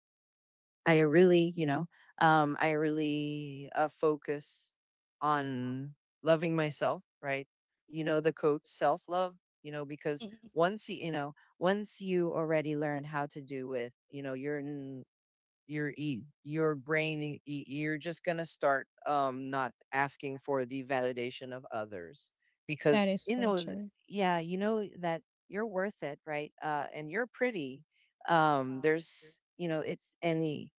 Speaker 3: I really, I really focus on loving myself, right? You know, the coach self love, you know, because
Speaker 1: Mm.
Speaker 3: once you, you know, once you already learn how to do with, you know, your brain, you're just gonna start not asking for the validation of others
Speaker 1: That
Speaker 3: because
Speaker 1: is
Speaker 3: you
Speaker 1: so
Speaker 3: know,
Speaker 1: true.
Speaker 3: yeah, you know that you're worth it, right? And you're pretty. There's, you know, it's any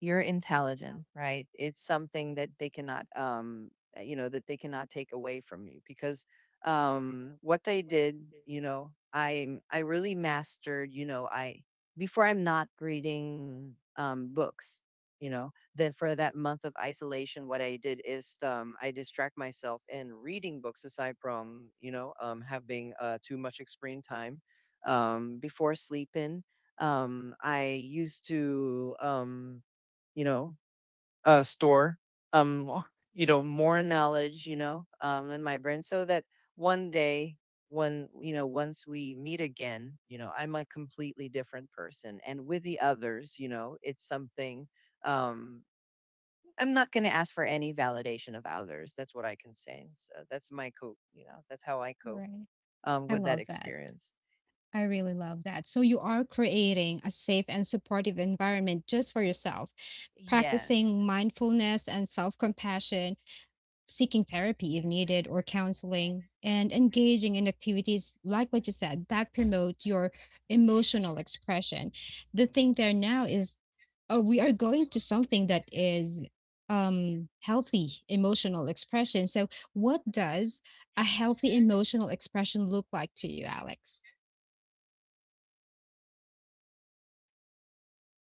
Speaker 3: you're intelligent, right? It's something that they cannot, that they cannot take away from you because what they did, I really mastered, you know, I before I'm not reading books, you know, then for that month of isolation, what I did is I distract myself in reading books aside from, having too much screen time before sleeping I used to you know, store, um, more- more knowledge, in my brain, so that one day, when you know, once we meet again, you know, I'm a completely different person, and with the others, you know, it's something. Um, I'm not going to ask for any validation of others. That's what I can say. So that's my cope. You know, that's how I cope
Speaker 1: Right. I
Speaker 3: with that
Speaker 1: love that.
Speaker 3: experience.
Speaker 1: I really love that. So you are creating a safe and supportive environment just for yourself,
Speaker 3: Yes.
Speaker 1: practicing mindfulness and self-compassion, seeking therapy if needed or counseling, and engaging in activities like what you said that promote your emotional expression. The thing there now is we are going to something that is healthy emotional expression. So what does a healthy emotional expression look like to you, Alex?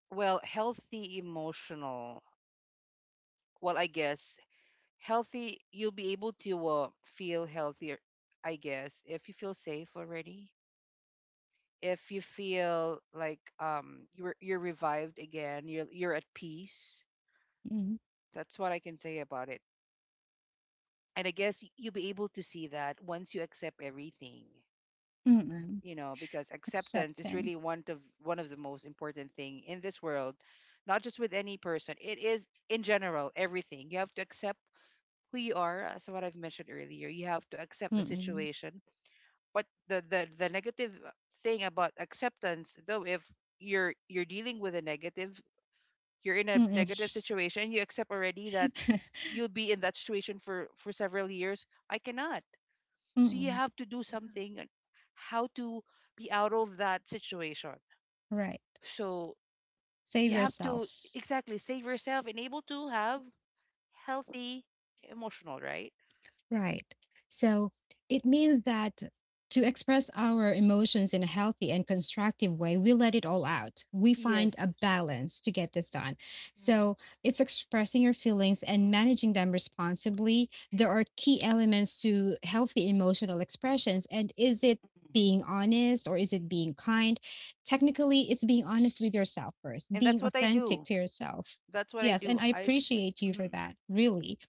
Speaker 2: Well, healthy emotional, well, I guess healthy, you'll be able to feel healthier. I guess if you feel safe already, if you feel like you're revived again, you're at peace.
Speaker 1: Mm,
Speaker 2: That's what I can say about it. And I guess you'll be able to see that once you accept everything.
Speaker 1: mm-mm.
Speaker 2: You know, because acceptance is really
Speaker 1: Acceptance.
Speaker 2: one of the most important thing in this world. Not just with any person, it is in general, everything, you have to accept who you are. As what I've mentioned earlier, you have to accept the
Speaker 1: Mm-mm.
Speaker 2: situation. But the, the negative thing about acceptance, though, if you're, you're dealing with a negative, you're in a negative
Speaker 1: Mm-mm.
Speaker 2: situation, you accept already that you'll be in that situation for several years. I cannot. So you
Speaker 1: Mm-mm.
Speaker 2: have to do
Speaker 3: Mhm,
Speaker 2: something, and how to be out of that situation.
Speaker 1: Right.
Speaker 2: So
Speaker 1: Save
Speaker 2: you have to,
Speaker 1: yourself.
Speaker 2: exactly, save yourself, and able to have healthy emotional, right?
Speaker 1: Right. So it means that to express our emotions in a healthy and constructive way, we let it all out. We find a
Speaker 2: Yes.
Speaker 1: balance to get this done.
Speaker 3: mhm.
Speaker 1: So it's expressing your feelings and managing them responsibly. There are key elements to healthy emotional expressions. And is it being honest or is it being kind? Technically, it's being honest with yourself first,
Speaker 2: And that's
Speaker 1: being
Speaker 2: what I
Speaker 1: authentic
Speaker 2: do.
Speaker 1: to yourself.
Speaker 2: That's what I
Speaker 1: Yes.
Speaker 2: do.
Speaker 1: And I appreciate you for
Speaker 2: Mhm.
Speaker 1: that, really.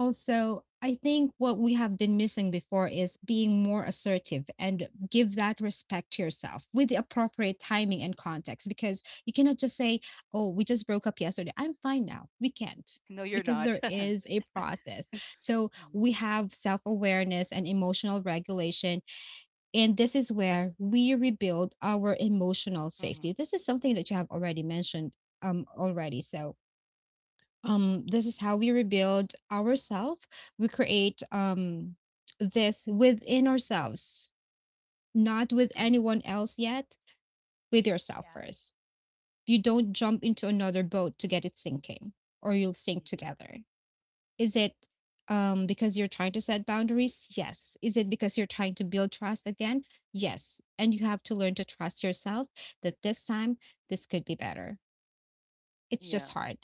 Speaker 1: Also, I think what we have been missing before is being more assertive and give that respect to yourself with the appropriate timing and context, because you cannot just say, oh, we just broke up yesterday, I'm fine now. We can't,
Speaker 2: No, you're
Speaker 1: because
Speaker 2: not.
Speaker 1: there
Speaker 3: Yeah.
Speaker 1: is a process. So
Speaker 2: Mhm.
Speaker 1: we have self awareness and emotional regulation. And this is where we rebuild our emotional safety.
Speaker 2: Mhm.
Speaker 1: This is something that you have already mentioned already, so this is how we rebuild ourselves. We create this within ourselves, not with
Speaker 2: Mhm.
Speaker 1: anyone else yet, with yourself
Speaker 3: Yeah.
Speaker 1: first. You don't jump into another boat to get it sinking, or you'll sink together. Is it because you're trying to set boundaries? Yes. Is it because you're trying to build trust again? Yes. And you have to learn to trust yourself that this time this could be better. It's
Speaker 2: Yeah.
Speaker 1: just hard.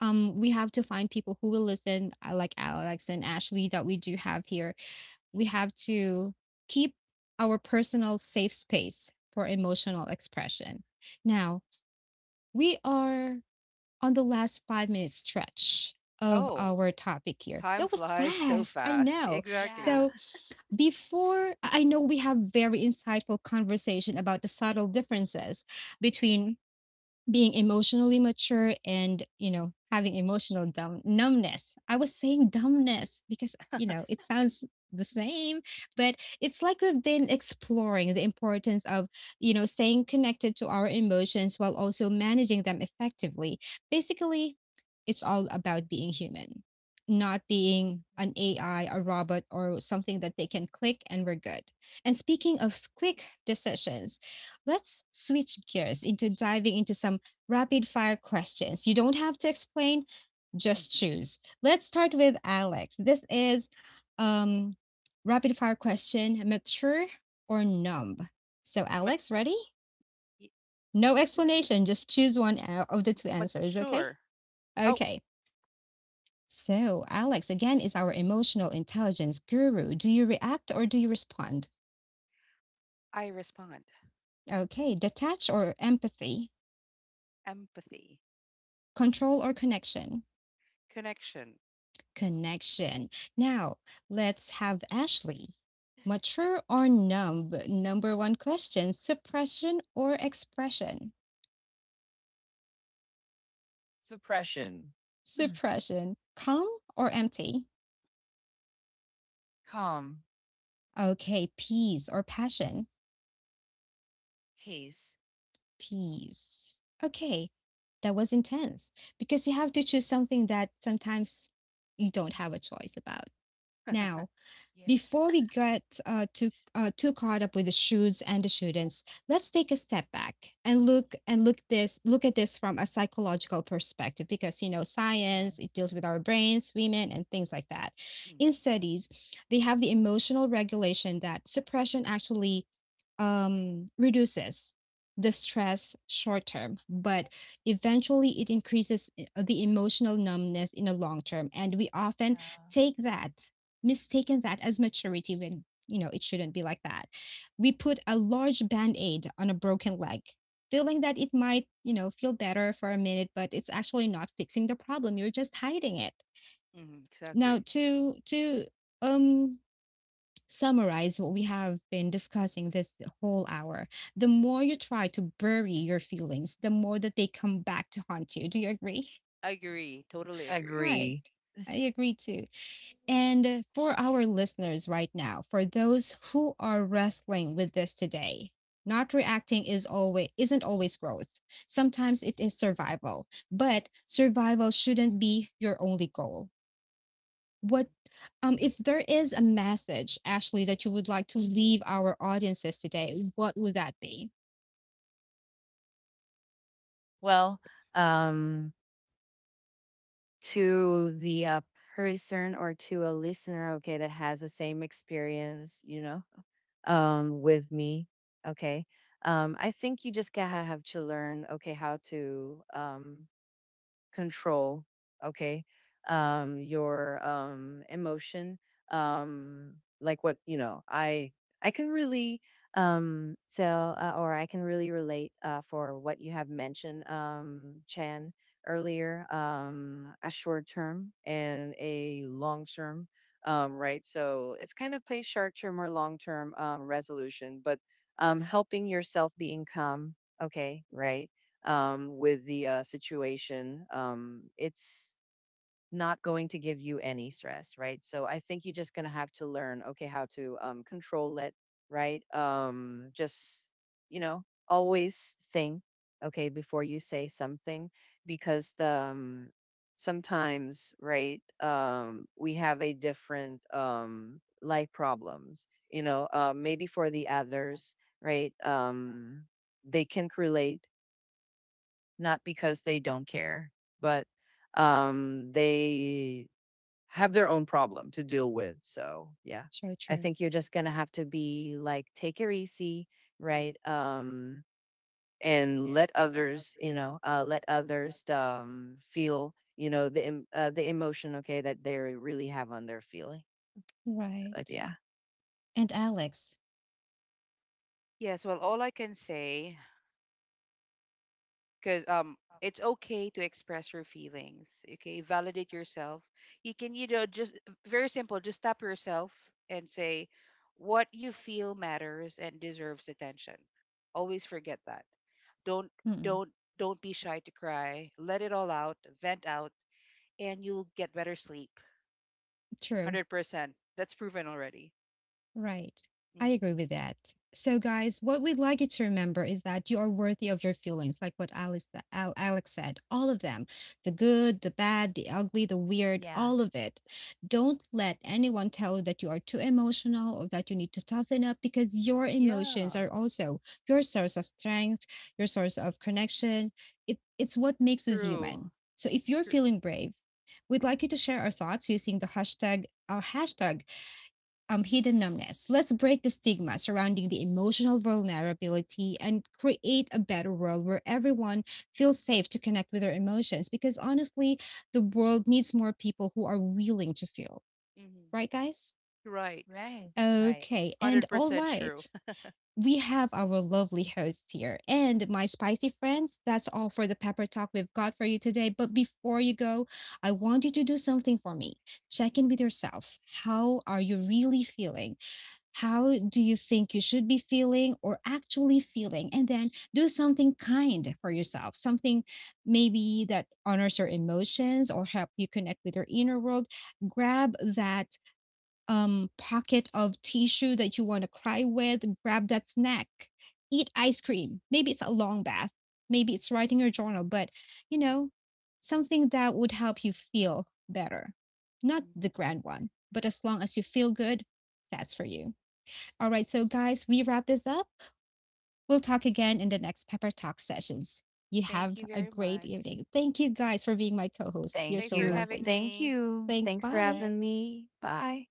Speaker 1: We have to find people who will listen, like Alex and Ashley that we do have here. We have to keep our personal safe space for emotional expression. Now, we are on the last 5-minute stretch of
Speaker 2: Oh,
Speaker 1: our topic here.
Speaker 2: time
Speaker 1: That was
Speaker 2: flies so
Speaker 1: fast, I
Speaker 2: fast.
Speaker 1: know.
Speaker 3: Yeah.
Speaker 2: Exactly.
Speaker 1: So before I know we have very insightful conversation about the subtle differences between being emotionally mature and, you know, having emotional numbness. I was saying dumbness because you know it sounds the same, but it's like we've been exploring the importance of, you know, staying connected to our emotions while also managing them effectively. Basically, it's all about being human, not being an AI, a robot, or something that they can click and we're good. And speaking of quick decisions, let's switch gears into diving into some rapid fire questions. You don't have to explain, just
Speaker 2: Mm-hmm.
Speaker 1: choose. Let's start with Alex. This is um rapid fire question, mature or numb. So
Speaker 2: Mat-
Speaker 1: Alex, ready?
Speaker 2: y-
Speaker 1: No
Speaker 2: m-
Speaker 1: explanation, just choose one out of the two answers, okay?
Speaker 2: Mature. Oh,
Speaker 1: Okay. So, Alex again is our emotional intelligence guru. Do you react or do you respond?
Speaker 2: I respond.
Speaker 1: Okay, detach or empathy,
Speaker 2: Empathy,
Speaker 1: control or connection?
Speaker 2: connection.
Speaker 1: Connection. Now, let's have Ashley. Mature or numb? Number one question, suppression or expression?
Speaker 3: Suppression. Mm.
Speaker 1: Suppression. Calm or empty?
Speaker 3: Calm.
Speaker 1: Okay, peace or passion?
Speaker 3: Peace.
Speaker 1: Peace. Okay, that was intense because you have to choose something that sometimes you don't have a choice about. Now,
Speaker 3: Yeah.
Speaker 1: before we get too too caught up with the shoes and the students, let's take a step back and look at this from a psychological perspective, because you know science,
Speaker 3: Mhm,
Speaker 1: it deals with our brains, women, and things like that.
Speaker 2: Mm-hmm.
Speaker 1: In studies, they have the emotional regulation that suppression actually reduces the stress short term, but eventually it increases the emotional numbness in the long term. And we often
Speaker 3: yeah.
Speaker 1: take that, mistaken that as maturity, when you know it shouldn't be like that. We put a large band-aid on a broken leg, feeling that it might, you know, feel better for a minute, but it's actually not fixing the problem, you're just hiding it.
Speaker 2: Mm-hmm.
Speaker 1: Now,
Speaker 2: Exactly.
Speaker 1: to um summarize what we have been discussing this whole hour, the more you try to bury your feelings, the more that they come back to haunt you. Do you agree?
Speaker 2: I agree. Totally agree.
Speaker 1: Right.
Speaker 3: Agree.
Speaker 1: I agree too. And for our listeners right now, for those who are wrestling with this today, not reacting is always isn't always growth. Sometimes it is survival, but survival shouldn't be your only goal.
Speaker 2: Mm-hmm.
Speaker 1: What, if there is a message, Ashley, that you would like to leave our audiences today, what would that be?
Speaker 3: Well, um, to the person or to a listener, okay, that has the same experience, with me, okay, I think you just gotta have to learn, okay, how to control, okay, your emotion. Um like what you know I can really or I can really relate for what you have mentioned, chan earlier, a short term and a long term right, so it's kind of play short term or long term resolution, but helping yourself being calm, okay, right? With the situation, it's not going to give you any stress, right? So I think you're just going to have to learn, okay, how to control it, right? Just, you know, always think, okay, before you say something, because the, sometimes, right, we have a different life problems, you know, maybe for the others, right? They can relate not because they don't care, but they have their own problem to deal with. So, yeah.
Speaker 1: True,
Speaker 3: I
Speaker 1: true.
Speaker 3: think you're just gonna have to be like, take it easy,
Speaker 2: Mm-hmm.
Speaker 3: right? And let others, let others feel, you know, the emotion, okay, that they really have on their feeling.
Speaker 1: Right.
Speaker 3: Yeah.
Speaker 1: And Alex.
Speaker 2: Yes. Well, all I can say, because it's okay to express your feelings, okay, validate yourself. You can, you know, just very simple, just stop yourself and say what you feel matters and deserves attention. Always forget that. don't
Speaker 1: Mm-mm.
Speaker 2: don't don't be shy to cry, let it all out, vent out, and you'll get better sleep.
Speaker 1: True.
Speaker 2: 100%, that's proven already.
Speaker 1: Right. I
Speaker 2: Mhm.
Speaker 1: agree with that. So, guys, what we'd like you to remember is that you are worthy of your feelings, like what Alex said, all of them, the good, the bad, the ugly, the weird,
Speaker 3: Yeah,
Speaker 1: all of it. Don't let anyone tell you that you are too emotional or that you need to toughen up, because your emotions
Speaker 2: Yeah,
Speaker 1: are also your source of strength, your source of connection. It's what makes us
Speaker 2: true,
Speaker 1: human. So, if you're
Speaker 2: true.
Speaker 1: feeling brave, we'd like you to share our thoughts using the hashtag, our hashtag, hidden numbness. Let's break the stigma surrounding the emotional vulnerability and create a better world where everyone feels safe to connect with their emotions. Because honestly, the world needs more people who are willing to feel.
Speaker 2: Hmm.
Speaker 1: Right, guys?
Speaker 2: Right.
Speaker 3: right, right.
Speaker 1: Okay. And all
Speaker 2: 100% true.
Speaker 1: right. We have our lovely hosts here and my spicy friends. That's all for the pepper talk we've got for you today. But before you go, I want you to do something for me. Check in with yourself. How are you really feeling? How do you think you should be feeling or actually feeling? And then do something kind for yourself, something maybe that honors your emotions or help you connect with your inner world. Grab that pocket of tissue that you want to cry with, grab that snack, eat ice cream, maybe it's a long bath, maybe it's writing your journal, but you know, something that would help you feel better, not
Speaker 2: Mm.
Speaker 1: the grand one, but as long as you feel good, that's for you. All right, so guys, we wrap this up. We'll talk again in the next Pepper Talk sessions. You
Speaker 2: Thank
Speaker 1: have
Speaker 2: you
Speaker 1: a
Speaker 2: very
Speaker 1: great
Speaker 2: much.
Speaker 1: evening. Thank you guys for being my co hosts. You're
Speaker 3: Thank
Speaker 2: Thanks
Speaker 1: so
Speaker 2: for
Speaker 3: you,
Speaker 2: having
Speaker 1: lovely.
Speaker 3: thank
Speaker 2: me.
Speaker 3: you.
Speaker 1: Thanks.
Speaker 3: Thanks for
Speaker 1: Bye.
Speaker 2: Bye.
Speaker 3: having me. Bye.